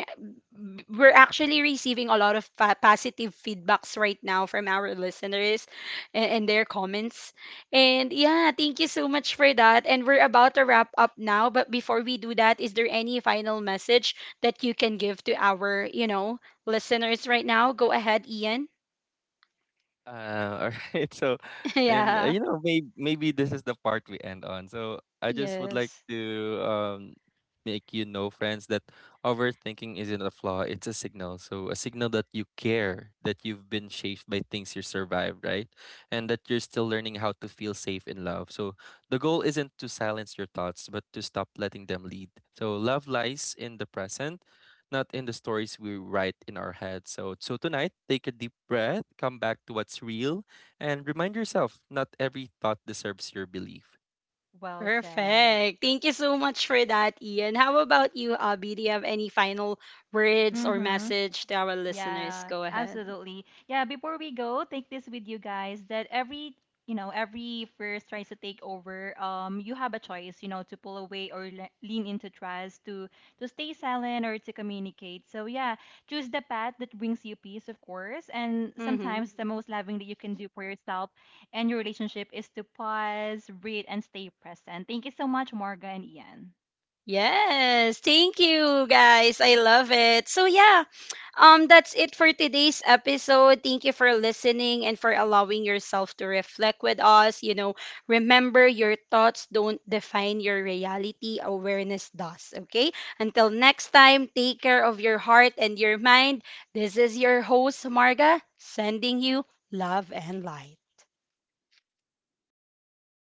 [SPEAKER 1] we're actually receiving a lot of positive feedbacks right now from our listeners and their comments. And yeah, thank you so much for that. And we're about to wrap up now, but before we do that, is there any final message that you can give to our, you know, listeners right now? Go ahead, Ian.
[SPEAKER 2] All right. So, and,
[SPEAKER 1] Yeah.
[SPEAKER 2] you know, maybe this is the part we end on. So, I just would like
[SPEAKER 1] Yes.
[SPEAKER 2] to make you know, friends, that overthinking isn't a flaw; it's a signal. So, a signal that you care, that you've been shaped by things you survived, right, and that you're still learning how to feel safe in love. So, the goal isn't to silence your thoughts, but to stop letting them lead. So, love lies in the present, not in the stories we write in our head. So, so tonight, take a deep breath, come back to what's real, and remind yourself, not every thought deserves your belief.
[SPEAKER 3] Well said.
[SPEAKER 1] Perfect. Thank you so much for that, Ian. How about you, Abby? Do you have any final words or
[SPEAKER 3] Mm-hmm.
[SPEAKER 1] message to our listeners?
[SPEAKER 3] Yeah,
[SPEAKER 1] Go ahead.
[SPEAKER 3] absolutely. Yeah, before we go, take this with you guys, that every, you know, every first tries to take over, you have a choice, you know, to pull away or le lean into trust, to stay silent or to communicate. So yeah, choose the path that brings you peace, of course. And
[SPEAKER 1] Mm-hmm.
[SPEAKER 3] sometimes the most loving that you can do for yourself and your relationship is to pause, breathe, and stay present. Thank you so much, Marga and Ian.
[SPEAKER 1] Yes, thank you guys. I love it. So, yeah, that's it for today's episode. Thank you for listening and for allowing yourself to reflect with us. You know, remember your thoughts don't define your reality, awareness does. Okay? Until next time, take care of your heart and your mind. This is your host, Marga, sending you love and light.